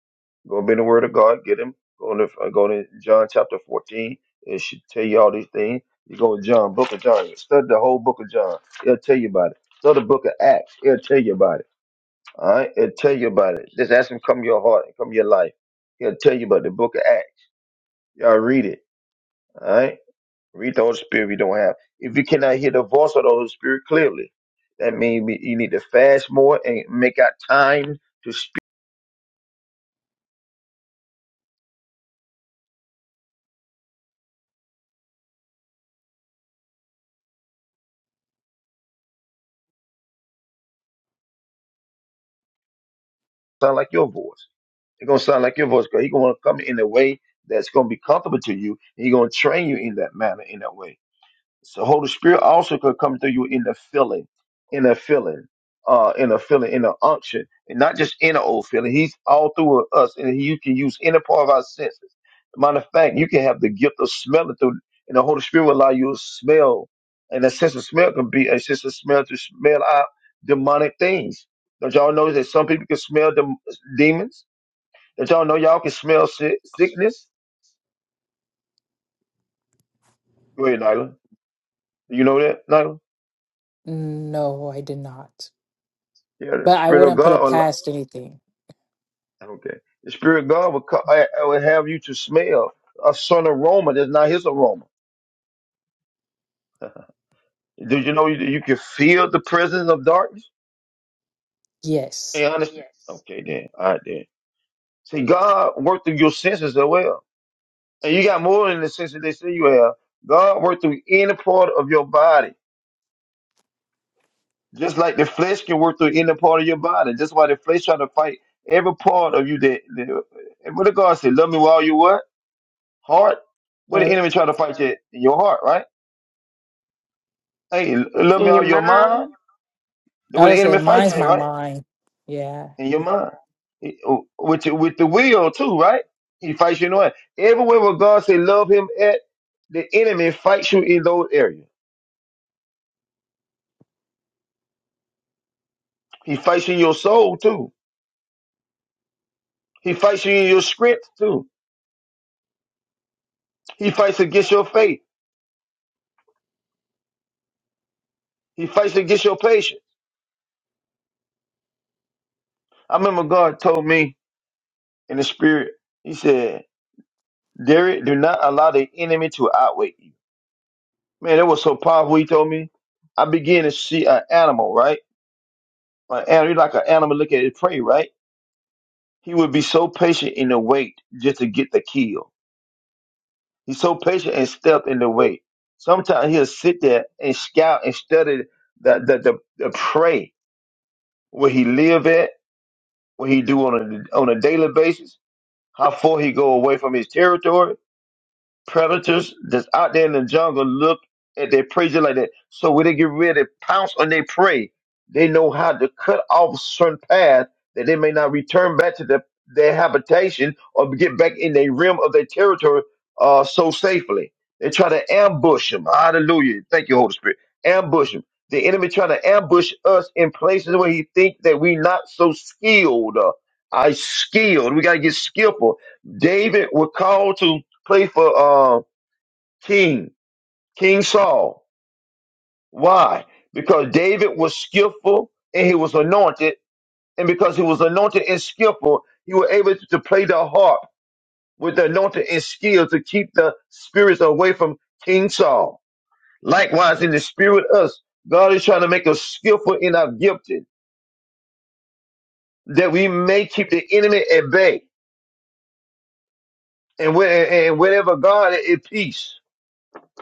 A: Go up in the Word of God, get Him. Go to uh, go to John chapter 14. It should tell you all these things. You go to John, Book of John. Study the whole Book of John. It'll tell you about it. Study the Book of Acts. It'll tell you about it. All right, it'll tell you about it. Just ask him come to your heart and come to your life. He'll tell you about the book of Acts. Y'all read it. All right, read the Holy Spirit if you don't have. If you cannot hear the voice of the Holy Spirit clearly, that means we- you need to fast more and make out time to speak. Sound like your voice. It's gonna sound like your voice because he's gonna come in a way that's gonna be comfortable to you. He's gonna train you in that manner, in that way. So Holy Spirit also could come through you in the filling, in a filling, uh, in a filling, in a unction, and not just in an old feeling. He's all through us, and you can use any part of our senses. Matter of fact, you can have the gift of smelling through, and the Holy Spirit will allow you to smell. And a sense of smell can be a sense of smell to smell out demonic things. Don't y'all know that some people can smell dem- demons? Don't y'all know y'all can smell sick- sickness? Go ahead, Nyla. You know that, Nyla?
C: No, I did not.
A: Yeah, the
C: But I
A: Spirit of
C: wouldn't put it
A: God.
C: past anything.
A: Okay. The Spirit of God will, co- uh, uh, will have you to smell a certain aroma that's not his aroma. Do you know you, you can feel the presence of darkness? Hey,
C: Yes.
A: honestly. Yes. Okay, then. All right, then. See, God worked through your senses as well. And you got more than the senses they say you have. God worked through any part of your body. Just like the flesh can work through any part of your body. That's why the flesh trying to fight every part of you that, that and what did God say? Love me while you what? Heart? What the
C: Or
A: enemy trying to fight Yes. you in your heart, right? Hey, love me
E: In your
A: all your
E: mind,
A: mind.
C: I
A: Where the
C: would say
A: enemy fights
C: mine's
A: you,
C: my
A: right?
C: mind. Yeah.
A: In your mind. He- oh, With your, with the will too, right? He fights you in the way. Everywhere where God say love him at, the enemy fights you in those areas. He fights you in your soul too. He fights you in your strength too. He fights against your faith. He fights against your patience. I remember God told me in the spirit, he said, Derek, do not allow the enemy to outweigh you. Man, that was so powerful. He told me, I began to see an animal, right? Uh, and you're like an animal look at his prey, right? He would be so patient in the wait just to get the kill. He's so patient and stealth in the wait. Sometimes he'll sit there and scout and study the the, the, the prey where he live at, what he do on a on a daily basis, how far he go away from his territory predators that's out there in the jungle look at their prey just like that. So when they get ready to pounce on their prey, they know how to cut off certain paths that they may not return back to the, their habitation or get back in the rim of their territory uh, so safely. They try to ambush them. Hallelujah. Thank you, Holy Spirit. Ambush them. The enemy trying to ambush us in places where he think that we not so skilled. Uh, I skilled. We got to get skillful. David was called to play for uh, King, King Saul. Why? Because David was skillful and he was anointed, and because he was anointed and skillful, he was able to play the harp with the anointing and skill to keep the spirits away from King Saul. Likewise, in the spirit of us, God is trying to make us skillful in our gifting, that we may keep the enemy at bay. And, where, and wherever God is, at peace.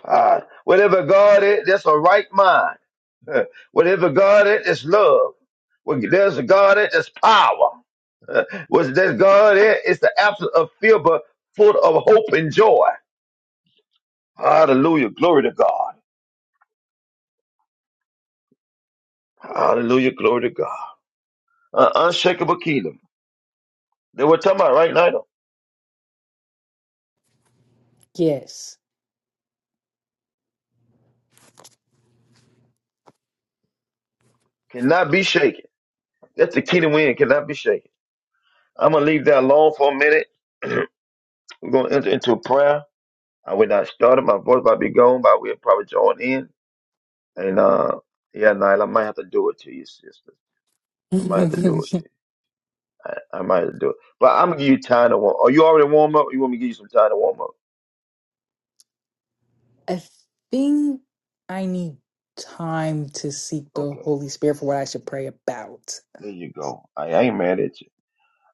A: Ah, wherever God is, that's a right mind. Uh, Whatever God is, it's love. Well, There's a God in it's power. Uh, Was that God in it's the absence of fear, but full of hope and joy. Hallelujah. Glory to God. Hallelujah. Glory to God. An unshakable kingdom that we're talking about right now
C: Yes.
A: cannot be shaken. That's the kingdom we in, cannot be shaken. I'm going to leave that alone for a minute. We're going to enter into a prayer. I will not start it. My voice might be gone, but we'll probably join in. And, uh, yeah, Nile, I might have to do it to you, sister. I might have to do it
C: I
A: to you. I might as well do it, but I'm gonna give you time to warm. Are you already warm up? You want me to give you some time to warm up?
C: think I need time to seek the
A: Okay,
C: Holy Spirit for what I should pray about.
A: there you go. I, I ain't mad at you.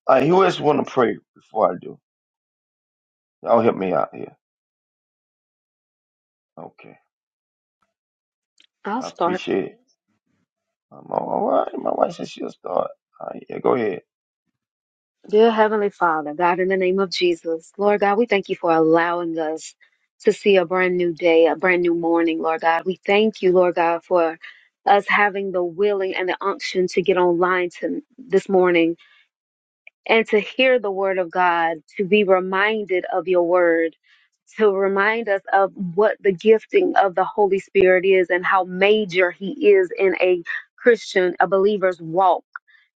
A: All right, who else want to pray before I do? Y'all help me out here. Okay,
E: I'll
A: I
E: start.
A: appreciate it. I'm all all right. My wife said she'll start. All right, yeah, go ahead.
E: Dear Heavenly Father, God, in the name of Jesus, Lord God, we thank you for allowing us to see a brand new day, a brand new morning, Lord God. We thank you, Lord God, for us having the willing and the unction to get online to, this morning and to hear the word of God, to be reminded of your word, to remind us of what the gifting of the Holy Spirit is and how major he is in a Christian, a believer's walk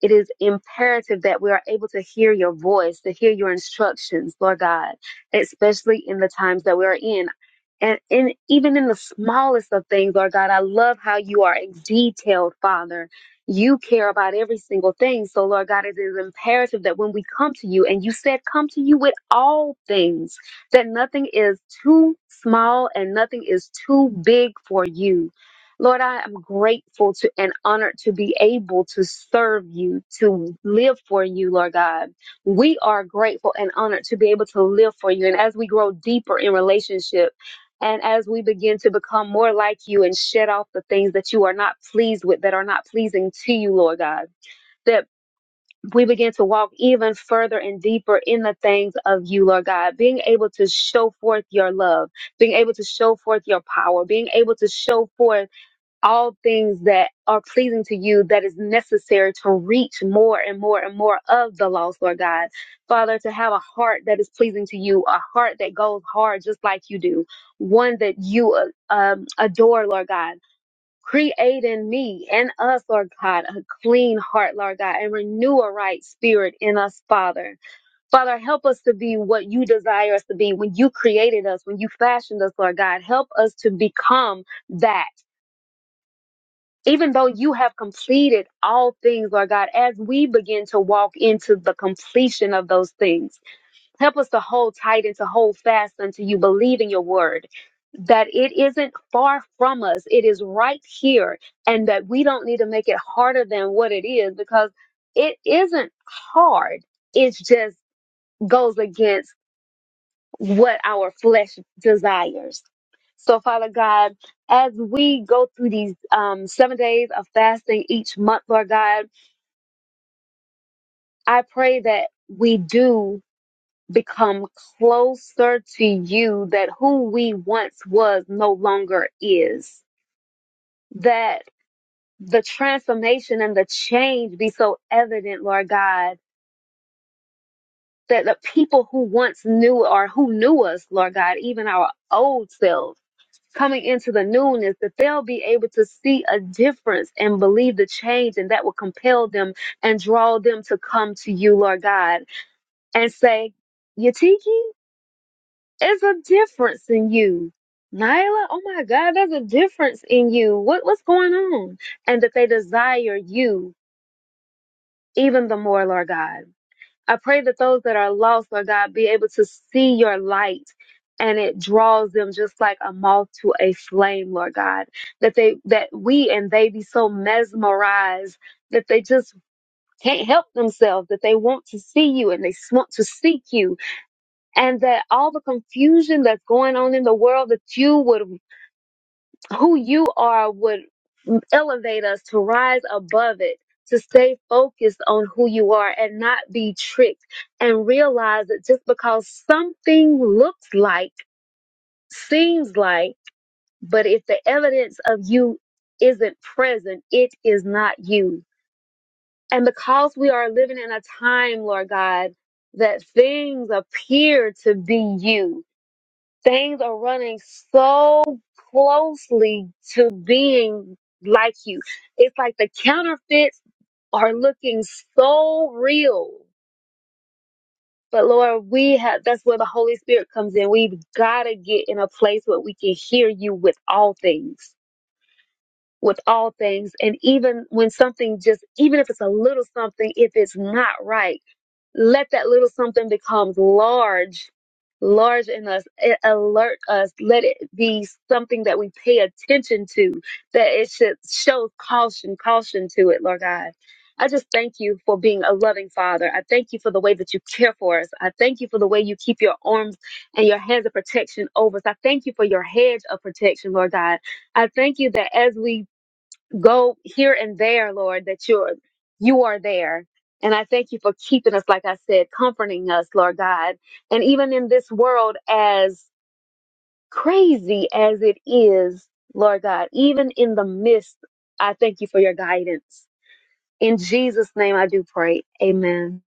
E: it is imperative that we are able to hear your voice, to hear your instructions, Lord God, especially in the times that we are in. And in, even in the smallest of things, Lord God, I love how you are a detailed Father. You care about every single thing. So, Lord God, it is imperative that when we come to you, and you said, come to you with all things, that nothing is too small and nothing is too big for you. Lord, I am grateful to and honored to be able to serve you, to live for you, Lord God. We are grateful and honored to be able to live for you. And as we grow deeper in relationship and as we begin to become more like you and shed off the things that you are not pleased with, that are not pleasing to you, Lord God, that we begin to walk even further and deeper in the things of you, Lord God, being able to show forth your love, being able to show forth your power, being able to show forth all things that are pleasing to you that is necessary to reach more and more and more of the lost, Lord God. Father, to have a heart that is pleasing to you, a heart that goes hard just like you do, one that you uh, um, adore, Lord God. Create in me and us, Lord God, a clean heart, Lord God, and renew a right spirit in us, Father. Father, help us to be what you desire us to be when you created us, when you fashioned us, Lord God. Help us to become that even though you have completed all things, Lord God, as we begin to walk into the completion of those things, help us to hold tight and to hold fast unto you, believe in your word. That it isn't far from us, it is right here, and that we don't need to make it harder than what it is because it isn't hard. It just goes against what our flesh desires. So, Father God, as we go through these um, seven days of fasting each month, Lord God, I pray that we do become closer to you, that who we once was no longer is, that the transformation and the change be so evident, Lord God, that the people who once knew or who knew us, Lord God, even our old selves, coming into the newness that they'll be able to see a difference and believe the change and that will compel them and draw them to come to you lord god and say yatiki there's a difference in you Nyla, oh my God, there's a difference in you. What what's going on? And that they desire you even the more, Lord God. I pray that those that are lost, Lord God, be able to see your light and it draws them just like a moth to a flame, Lord God. That they that we and they be so mesmerized that they just can't help themselves, that they want to see you and they s- want to seek you, and that all the confusion that's going on in the world that you would who you are would elevate us to rise above it, to stay focused on who you are and not be tricked and realize that just because something looks like, seems like, but if the evidence of you isn't present, it is not you. And because we are living in a time, Lord God, that things appear to be you things are running so closely to being like you. It's like the counterfeits are looking so real. But Lord, we have that's where the Holy Spirit comes in. We've got to get in a place where we can hear you with all things, with all things. And even when something just, even if it's a little something, if it's not right let that little something become large, large in us. It alert us. Let it be something that we pay attention to, that it should show caution, caution to it, Lord God. I just thank you for being a loving father. I thank you for the way that you care for us. I thank you for the way you keep your arms and your hands of protection over us. I thank you for your hedge of protection, Lord God. I thank you that as we go here and there, Lord, that you're you are there. And I thank you for keeping us, like I said, comforting us, Lord God. And even in this world, as crazy as it is, Lord God, even in the midst, I thank you for your guidance. In Jesus' name I do pray. Amen.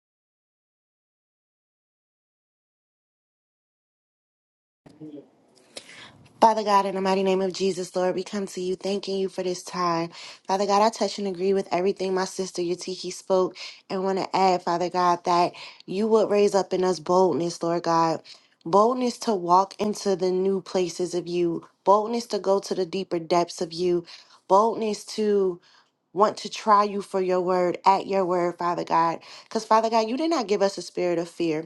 G: Father God, in the mighty name of Jesus, Lord, we come to you thanking you for this time. Father God, I touch and agree with everything my sister Yatiki spoke and want to add, Father God, that you would raise up in us boldness, Lord God. Boldness to walk into the new places of you, boldness to go to the deeper depths of you, boldness to want to try you for your word, at your word, Father God. Because, Father God, you did not give us a spirit of fear.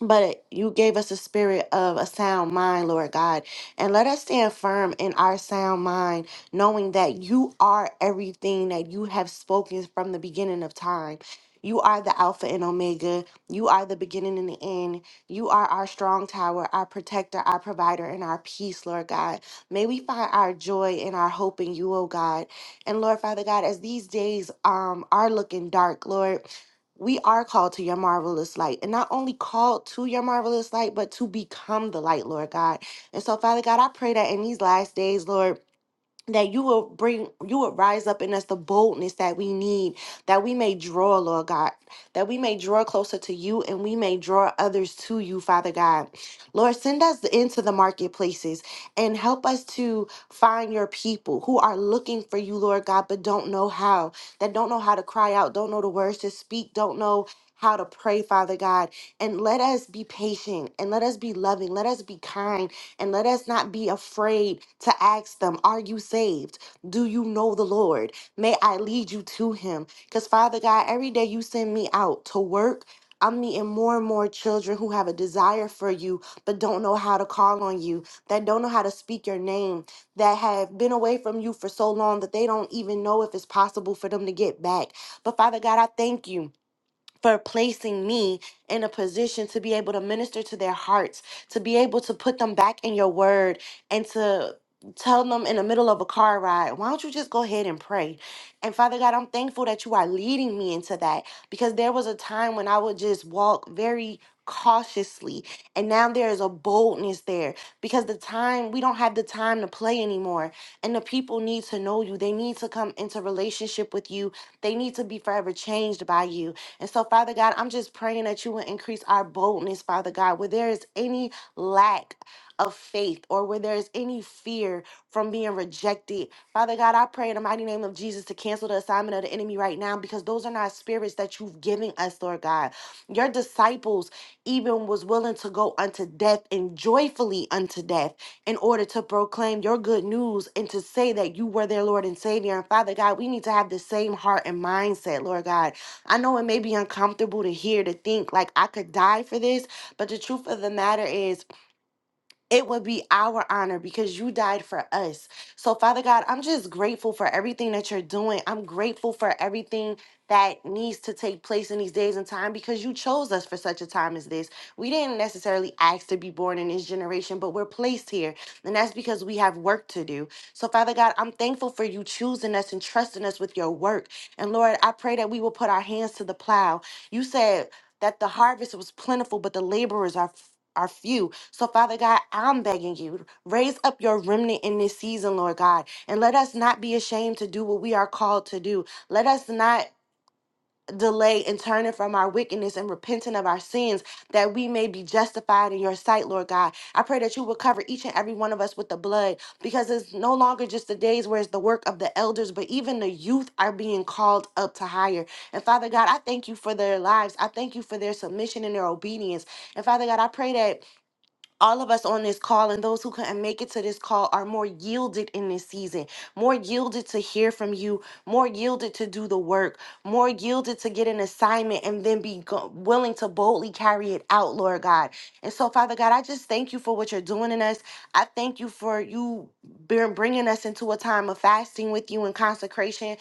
G: But you gave us a spirit of a sound mind, Lord God. And let us stand firm in our sound mind, knowing that you are everything that you have spoken from the beginning of time. You are the Alpha and Omega. You are the beginning and the end. You are our strong tower, our protector, our provider, and our peace, Lord God. May we find our joy and our hope in you, oh God. And Lord Father God, as these days um, are looking dark, Lord we are called to your marvelous light and not only called to your marvelous light but to become the light lord god and so father god i pray that in these last days lord that you will bring you will rise up in us the boldness that we need that we may draw lord god that we may draw closer to you and we may draw others to you father god lord send us into the marketplaces and help us to find your people who are looking for you lord god but don't know how that don't know how to cry out don't know the words to speak don't know how to pray, Father God, and let us be patient and let us be loving, let us be kind, and let us not be afraid to ask them, Are you saved? Do you know the Lord? May I lead you to him. Because, Father God, every day you send me out to work, I'm meeting more and more children who have a desire for you, but don't know how to call on you, that don't know how to speak your name, that have been away from you for so long that they don't even know if it's possible for them to get back. But, Father God, I thank you for placing me in a position to be able to minister to their hearts, to be able to put them back in your word, and to tell them in the middle of a car ride, why don't you just go ahead and pray? And Father God, I'm thankful that you are leading me into that because there was a time when I would just walk very cautiously and now there is a boldness there because the time we don't have the time to play anymore and the people need to know you they need to come into relationship with you they need to be forever changed by you and so, Father God, I'm just praying that you will increase our boldness, Father God, where there is any lack of faith or where there is any fear from being rejected. Father God, I pray in the mighty name of Jesus to cancel the assignment of the enemy right now because those are not spirits that you've given us, Lord God. Your disciples even was willing to go unto death and joyfully unto death in order to proclaim your good news and to say that you were their Lord and Savior. And Father God, we need to have the same heart and mindset, Lord God I know it may be uncomfortable to hear, to think like I could die for this, but the truth of the matter is, it would be our honor because you died for us. So, Father God, I'm just grateful for everything that you're doing. I'm grateful for everything that needs to take place in these days and time because you chose us for such a time as this. We didn't necessarily ask to be born in this generation, but we're placed here. And that's because we have work to do. So, Father God, I'm thankful for you choosing us and trusting us with your work. And Lord, I pray that we will put our hands to the plow. You said that the harvest was plentiful, but the laborers are. Are few. So, Father God, I'm begging you, raise up your remnant in this season, Lord God, and let us not be ashamed to do what we are called to do. Let us not delay in turning from our wickedness and repenting of our sins that we may be justified in your sight, Lord God. I pray that you will cover each and every one of us with the blood because it's no longer just the days where it's the work of the elders, but even the youth are being called up to higher. And Father God, I thank you for their lives. I thank you for their submission and their obedience. And Father God, I pray that all of us on this call and those who couldn't make it to this call are more yielded in this season, more yielded to hear from you, more yielded to do the work, more yielded to get an assignment and then be go- willing to boldly carry it out, Lord God. And so, Father God, I just thank you for what you're doing in us. I thank you for you bring- bringing us into a time of fasting with you and consecration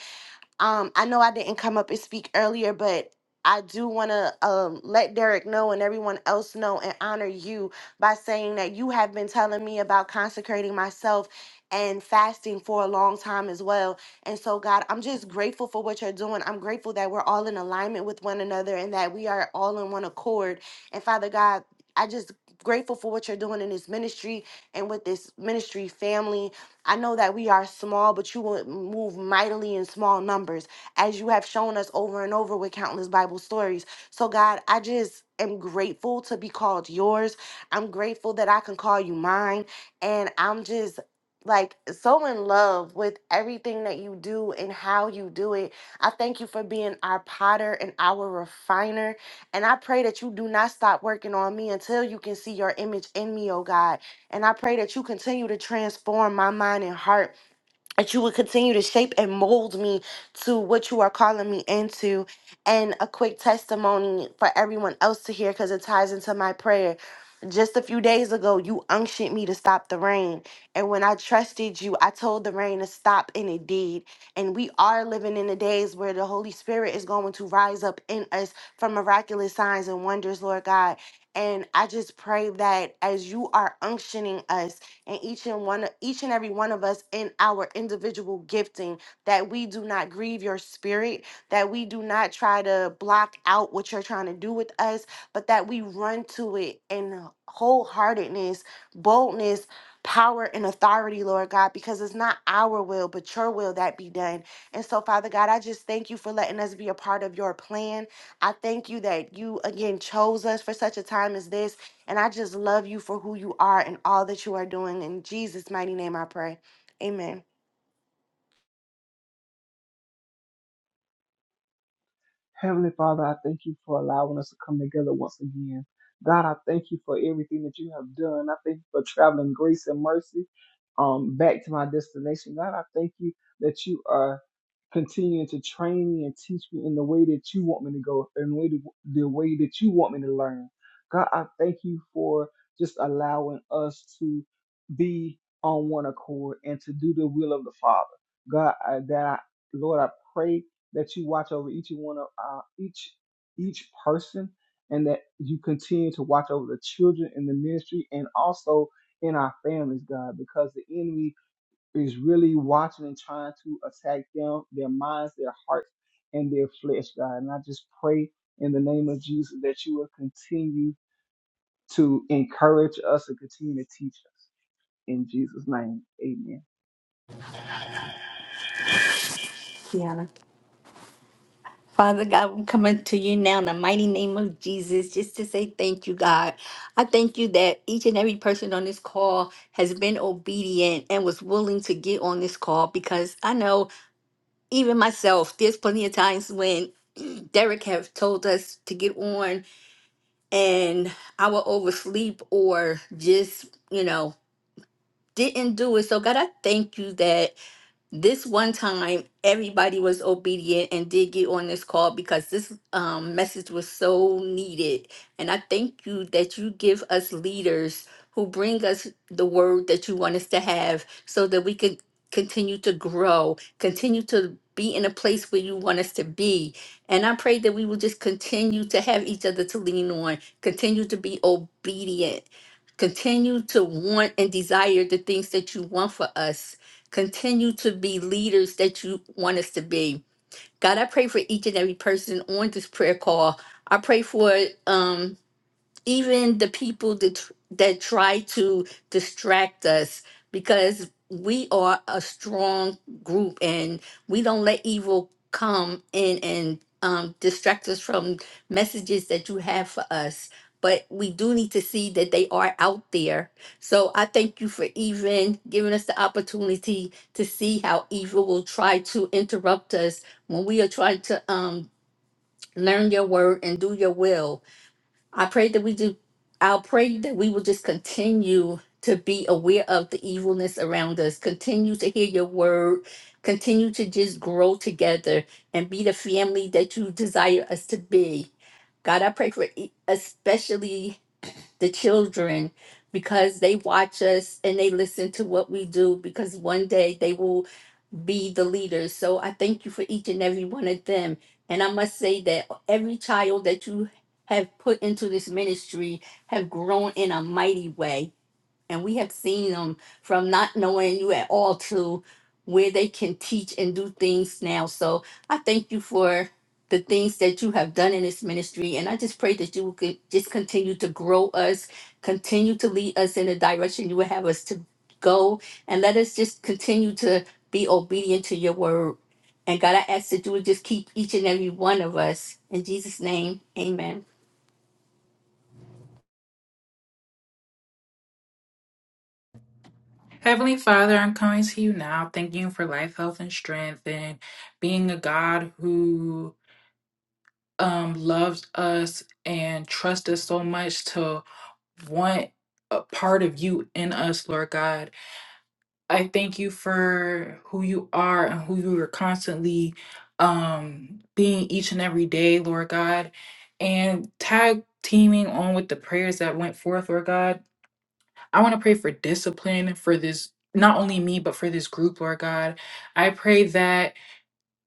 G: um, I know I didn't come up and speak earlier, but I do want to um, let Derek know and everyone else know and honor you by saying that you have been telling me about consecrating myself and fasting for a long time as well. And so, God, I'm just grateful for what you're doing. I'm grateful that we're all in alignment with one another and that we are all in one accord. And Father God, I just grateful for what you're doing in this ministry and with this ministry family I know that we are small, but you will move mightily in small numbers, as you have shown us over and over with countless Bible stories. So, God, I just am grateful to be called yours. I'm grateful that I can call you mine. And I'm just like so in love with everything that you do and how you do it. I thank you for being our potter and our refiner. And I pray that you do not stop working on me until you can see your image in me, oh God. And I pray that you continue to transform my mind and heart that you would continue to shape and mold me to what you are calling me into. And a quick testimony for everyone else to hear because it ties into my prayer. Just a few days ago, you unctioned me to stop the rain. And when I trusted you, I told the rain to stop, and it did. And we are living in the days where the Holy Spirit is going to rise up in us from miraculous signs and wonders, Lord God. And I just pray that as you are unctioning us, and each and one each and every one of us in our individual gifting that we do not grieve your spirit that we do not try to block out what you're trying to do with us but that we run to it in wholeheartedness boldness power and authority lord god because it's not our will but your will that be done and so father god i just thank you for letting us be a part of your plan i thank you that you again chose us for such a time as this and I just love you for who you are and all that you are doing. In Jesus' mighty name, I pray. Amen.
D: Heavenly Father, I thank you for allowing us to come together once again. God, I thank you for everything that you have done. I thank you for traveling grace and mercy um, back to my destination. God, I thank you that you are continuing to train me and teach me in the way that you want me to go, in the way, to, the way that you want me to learn. God, I thank you for just allowing us to be on one accord and to do the will of the Father. God, I, that I, Lord, I pray that you watch over each one of uh, each each person, and that you continue to watch over the children in the ministry and also in our families, God, because the enemy is really watching and trying to attack them, their minds, their hearts, and their flesh, God. And I just pray in the name of Jesus that you will continue to encourage us and continue to teach us. In Jesus' name, amen.
B: Kiana. Father God, I'm coming to you now in the mighty name of Jesus just to say thank you, God. I thank you that each and every person on this call has been obedient and was willing to get on this call because I know even myself, there's plenty of times when Derek have told us to get on and I will oversleep or just, you know, didn't do it. So God, I thank you that this one time everybody was obedient and did get on this call because this um, message was so needed and i thank you that you give us leaders who bring us the word that you want us to have so that we can continue to grow continue to be in a place where you want us to be and i pray that we will just continue to have each other to lean on continue to be obedient continue to want and desire the things that you want for us Continue to be leaders that you want us to be. God, I pray for each and every person on this prayer call. I pray for Um, even the people that tr- that try to distract us because we are a strong group and we don't let evil come in and um, distract us from messages that you have for us but we do need to see that they are out there so i thank you for even giving us the opportunity to see how evil will try to interrupt us when we are trying to um, learn your word and do your will I pray that we do. I'll pray that we will just continue to be aware of the evilness around us, continue to hear your word, continue to just grow together and be the family that you desire us to be. God, I pray for e- especially the children because they watch us and they listen to what we do because one day they will be the leaders. So I thank you for each and every one of them. And I must say that every child that you have put into this ministry have grown in a mighty way. And we have seen them from not knowing you at all to where they can teach and do things now. So I thank you for the things that you have done in this ministry. And I just pray that you could just continue to grow us, continue to lead us in the direction you would have us to go. And let us just continue to be obedient to your word. And God, I ask that you would just keep each and every one of us. In Jesus' name, amen.
C: Heavenly Father, I'm coming to you now, thanking you for life, health, and strength, and being a God who um, loves us and trusts us so much to want a part of you in us, Lord God. I thank you for who you are and who you are constantly um being each and every day, Lord God. And tag teaming on with the prayers that went forth, Lord God. I want to pray for discipline for this not only me but for this group, Lord God. I pray that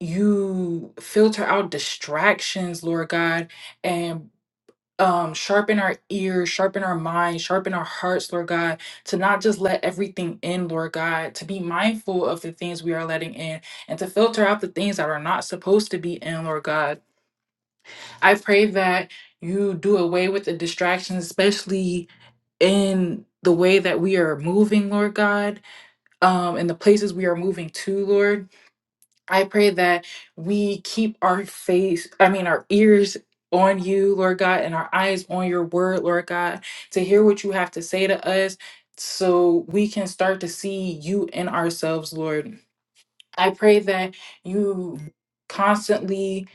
C: you filter out distractions, Lord God, and um sharpen our ears sharpen our minds sharpen our hearts lord god to not just let everything in lord god to be mindful of the things we are letting in and to filter out the things that are not supposed to be in lord god i pray that you do away with the distractions especially in the way that we are moving lord god um in the places we are moving to lord I pray that we keep our face, I mean, our ears on you, Lord God, and our eyes on your word, Lord God, to hear what you have to say to us so we can start to see you in ourselves, Lord. I pray that you constantly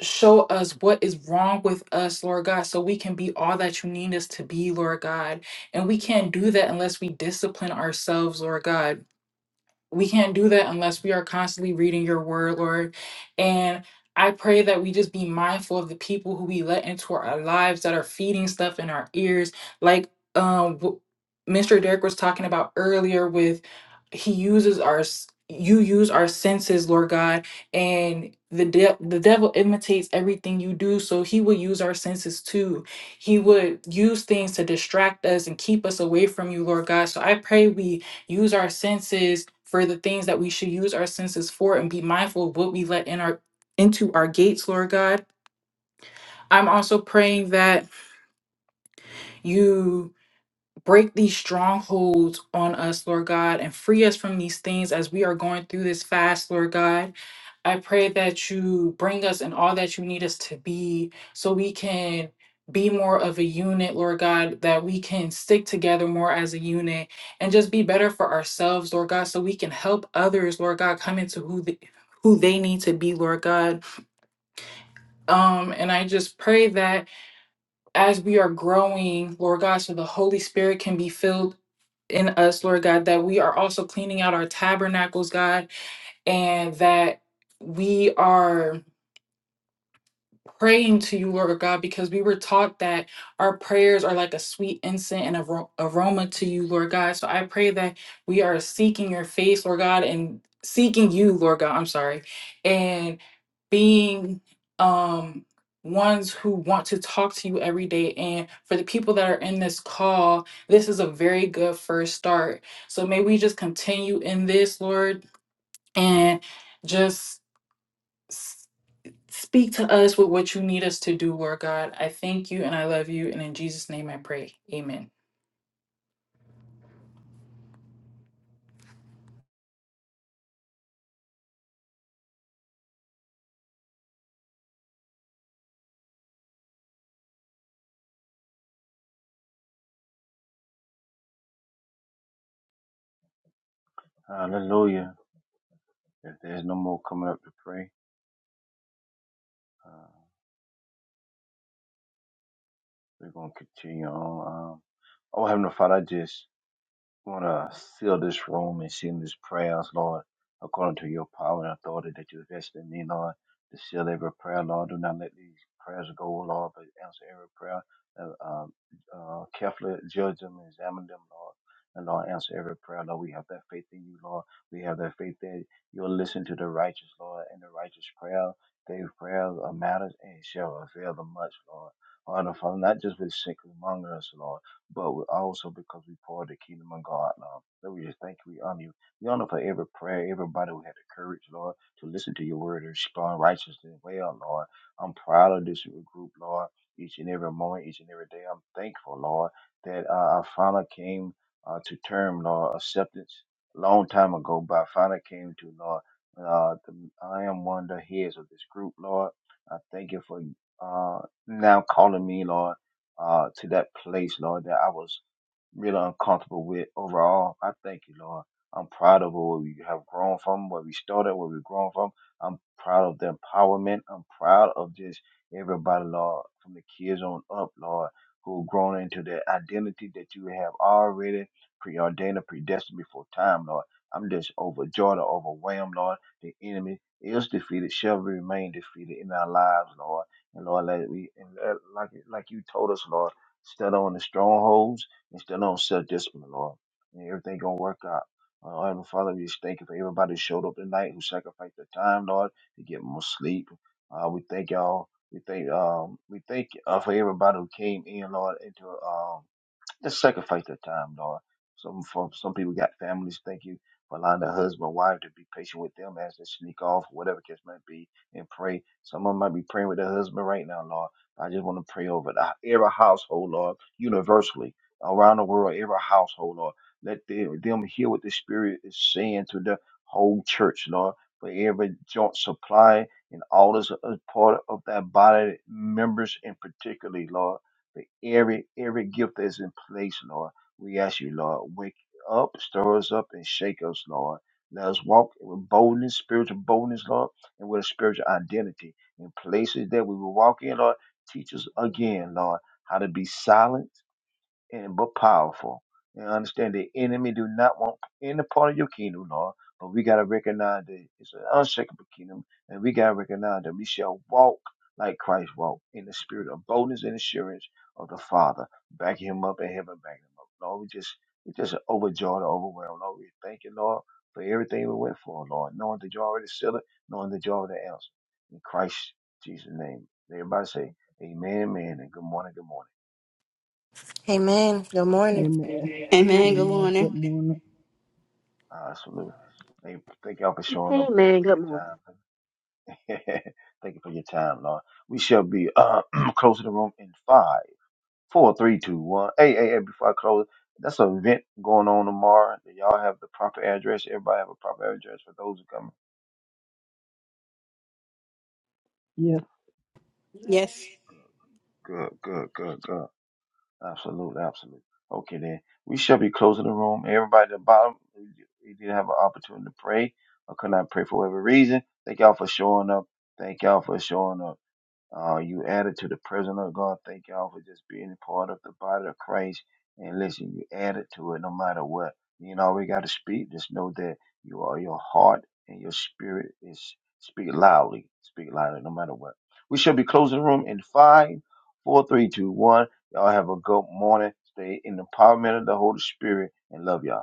C: show us what is wrong with us, Lord God, so we can be all that you need us to be, Lord God. And we can't do that unless we discipline ourselves, Lord God we can't do that unless we are constantly reading your word, Lord. And I pray that we just be mindful of the people who we let into our lives that are feeding stuff in our ears. Like um w- Mr. Derek was talking about earlier with he uses our s- you use our senses, Lord God, and the de- the devil imitates everything you do, so he will use our senses too. He would use things to distract us and keep us away from you, Lord God. So I pray we use our senses for the things that we should use our senses for and be mindful of what we let in our into our gates, Lord God. I'm also praying that you break these strongholds on us, Lord God, and free us from these things as we are going through this fast, Lord God. I pray that you bring us in all that you need us to be so we can be more of a unit, Lord God, that we can stick together more as a unit and just be better for ourselves, Lord God, so we can help others, Lord God, come into who the who they need to be, Lord God. Um, and I just pray that as we are growing, Lord God, so the Holy Spirit can be filled in us, Lord God, that we are also cleaning out our tabernacles, God, and that we are praying to you, Lord God, because we were taught that our prayers are like a sweet incense and aro- aroma to you, Lord God. So I pray that we are seeking your face, Lord God, and seeking you, Lord God. I'm sorry being um ones who want to talk to you every day and for the people that are in this call this is a very good first start so may we just continue in this lord and just s- speak to us with what you need us to do lord god i thank you and i love you and in jesus name i pray amen
A: Hallelujah. If there's no more coming up to pray, uh, we're going to continue on. Um, oh, Heavenly Father, I just want to seal this room and seal these prayers, Lord, according to your power and authority that you invest in me, Lord, to seal every prayer, Lord. Do not let these prayers go, Lord, but answer every prayer. Uh, uh, uh, carefully judge them and examine them, Lord. And Lord, answer every prayer, Lord. We have that faith in you, Lord. We have that faith that you'll listen to the righteous, Lord, and the righteous prayer. Their prayers are matters and shall avail them much, Lord. Father, Father, not just with sick among us, Lord but we also because we pour the kingdom of God, Lord. So we just thank you. We honor you. We honor for every prayer, everybody who had the courage, Lord, to listen to your word and respond righteously and well, Lord. I'm proud of this group, Lord. Each and every moment, each and every day, I'm thankful, Lord, that uh, I finally came uh, to term, Lord, acceptance a long time ago, but I finally came to, Lord. Uh, the, I am one of the heads of this group, Lord. I thank you for uh, now calling me, Lord uh, to that place, Lord, that I was really uncomfortable with overall. I thank you, Lord. I'm proud of where we have grown from, where we started, where we've grown from. I'm proud of the empowerment. I'm proud of just everybody, Lord, from the kids on up, Lord, who have grown into the identity that you have already preordained and predestined before time, Lord. I'm just overjoyed or overwhelmed, Lord. The enemy is defeated, shall remain defeated in our lives, Lord. And Lord, let we and let- like like you told us, Lord, stand on the strongholds instill on self discipline, Lord. And everything gonna work out. Uh, Heavenly Father, we just thank you for everybody who showed up tonight, who sacrificed their time, Lord, to get more sleep. Uh, we thank y'all. We thank um we thank uh, for everybody who came in, Lord, into um just sacrifice that time, Lord. Some for some people got families. Thank you for allowing the husband, wife to be patient with them as they sneak off, whatever case might be, and pray. Some of them might be praying with their husband right now, Lord. I just want to pray over the, every household, Lord, universally around the world, every household, Lord. Let them, them hear what the Spirit is saying to the whole church, Lord. For every joint supply and all this uh, part of that body members, in particularly, Lord for every every gift that's in place, Lord. We ask you, Lord, wake up, stir us up, and shake us, Lord. Let us walk with boldness, spiritual boldness, Lord, and with a spiritual identity in places that we will walk in, Lord. Teach us again, Lord, how to be silent and but powerful. And understand the enemy do not want any part of your kingdom, Lord. But we gotta recognize that it's an unshakable kingdom, and we gotta recognize that we shall walk like Christ walked in the spirit of boldness and assurance of the Father, backing him up and heaven backing him up. Lord, we just we just overjoyed, overwhelmed. Lord, we thank you, Lord, for everything we went for, Lord, knowing that you already sealed it, knowing that you already answered. In Christ Jesus' name. Everybody say, Amen, amen, and good morning, good morning.
G: Amen. Good morning.
D: Amen.
B: Amen. Good
D: Amen.
B: morning.
D: Good morning.
A: Uh, salute. Thank, thank y'all for showing up. Thank you
E: Amen.
A: for
E: Good
A: your
E: morning.
A: time. thank you for your time, Lord. We shall be uh, closing the room in five, four, three, two, one. Hey, hey, hey, before I close, that's an event going on tomorrow. Do Y'all have the proper address. Everybody have a proper address for those who come.
B: Yes.
A: Good, good, good, good. Absolute, absolute. Okay, then. We shall be closing the room. Everybody at the bottom, you did have an opportunity to pray or could not pray for whatever reason. Thank y'all for showing up. Thank y'all for showing up. Uh, you added to the presence of God. Thank y'all for just being a part of the body of Christ. And listen, you added to it no matter what. You know, we got to speak. Just know that you are your heart and your spirit is speak loudly. Speak loudly no matter what. We shall be closing the room in five, four, three, two, one. Y'all have a good morning. Stay in the empowerment of the Holy Spirit and love y'all.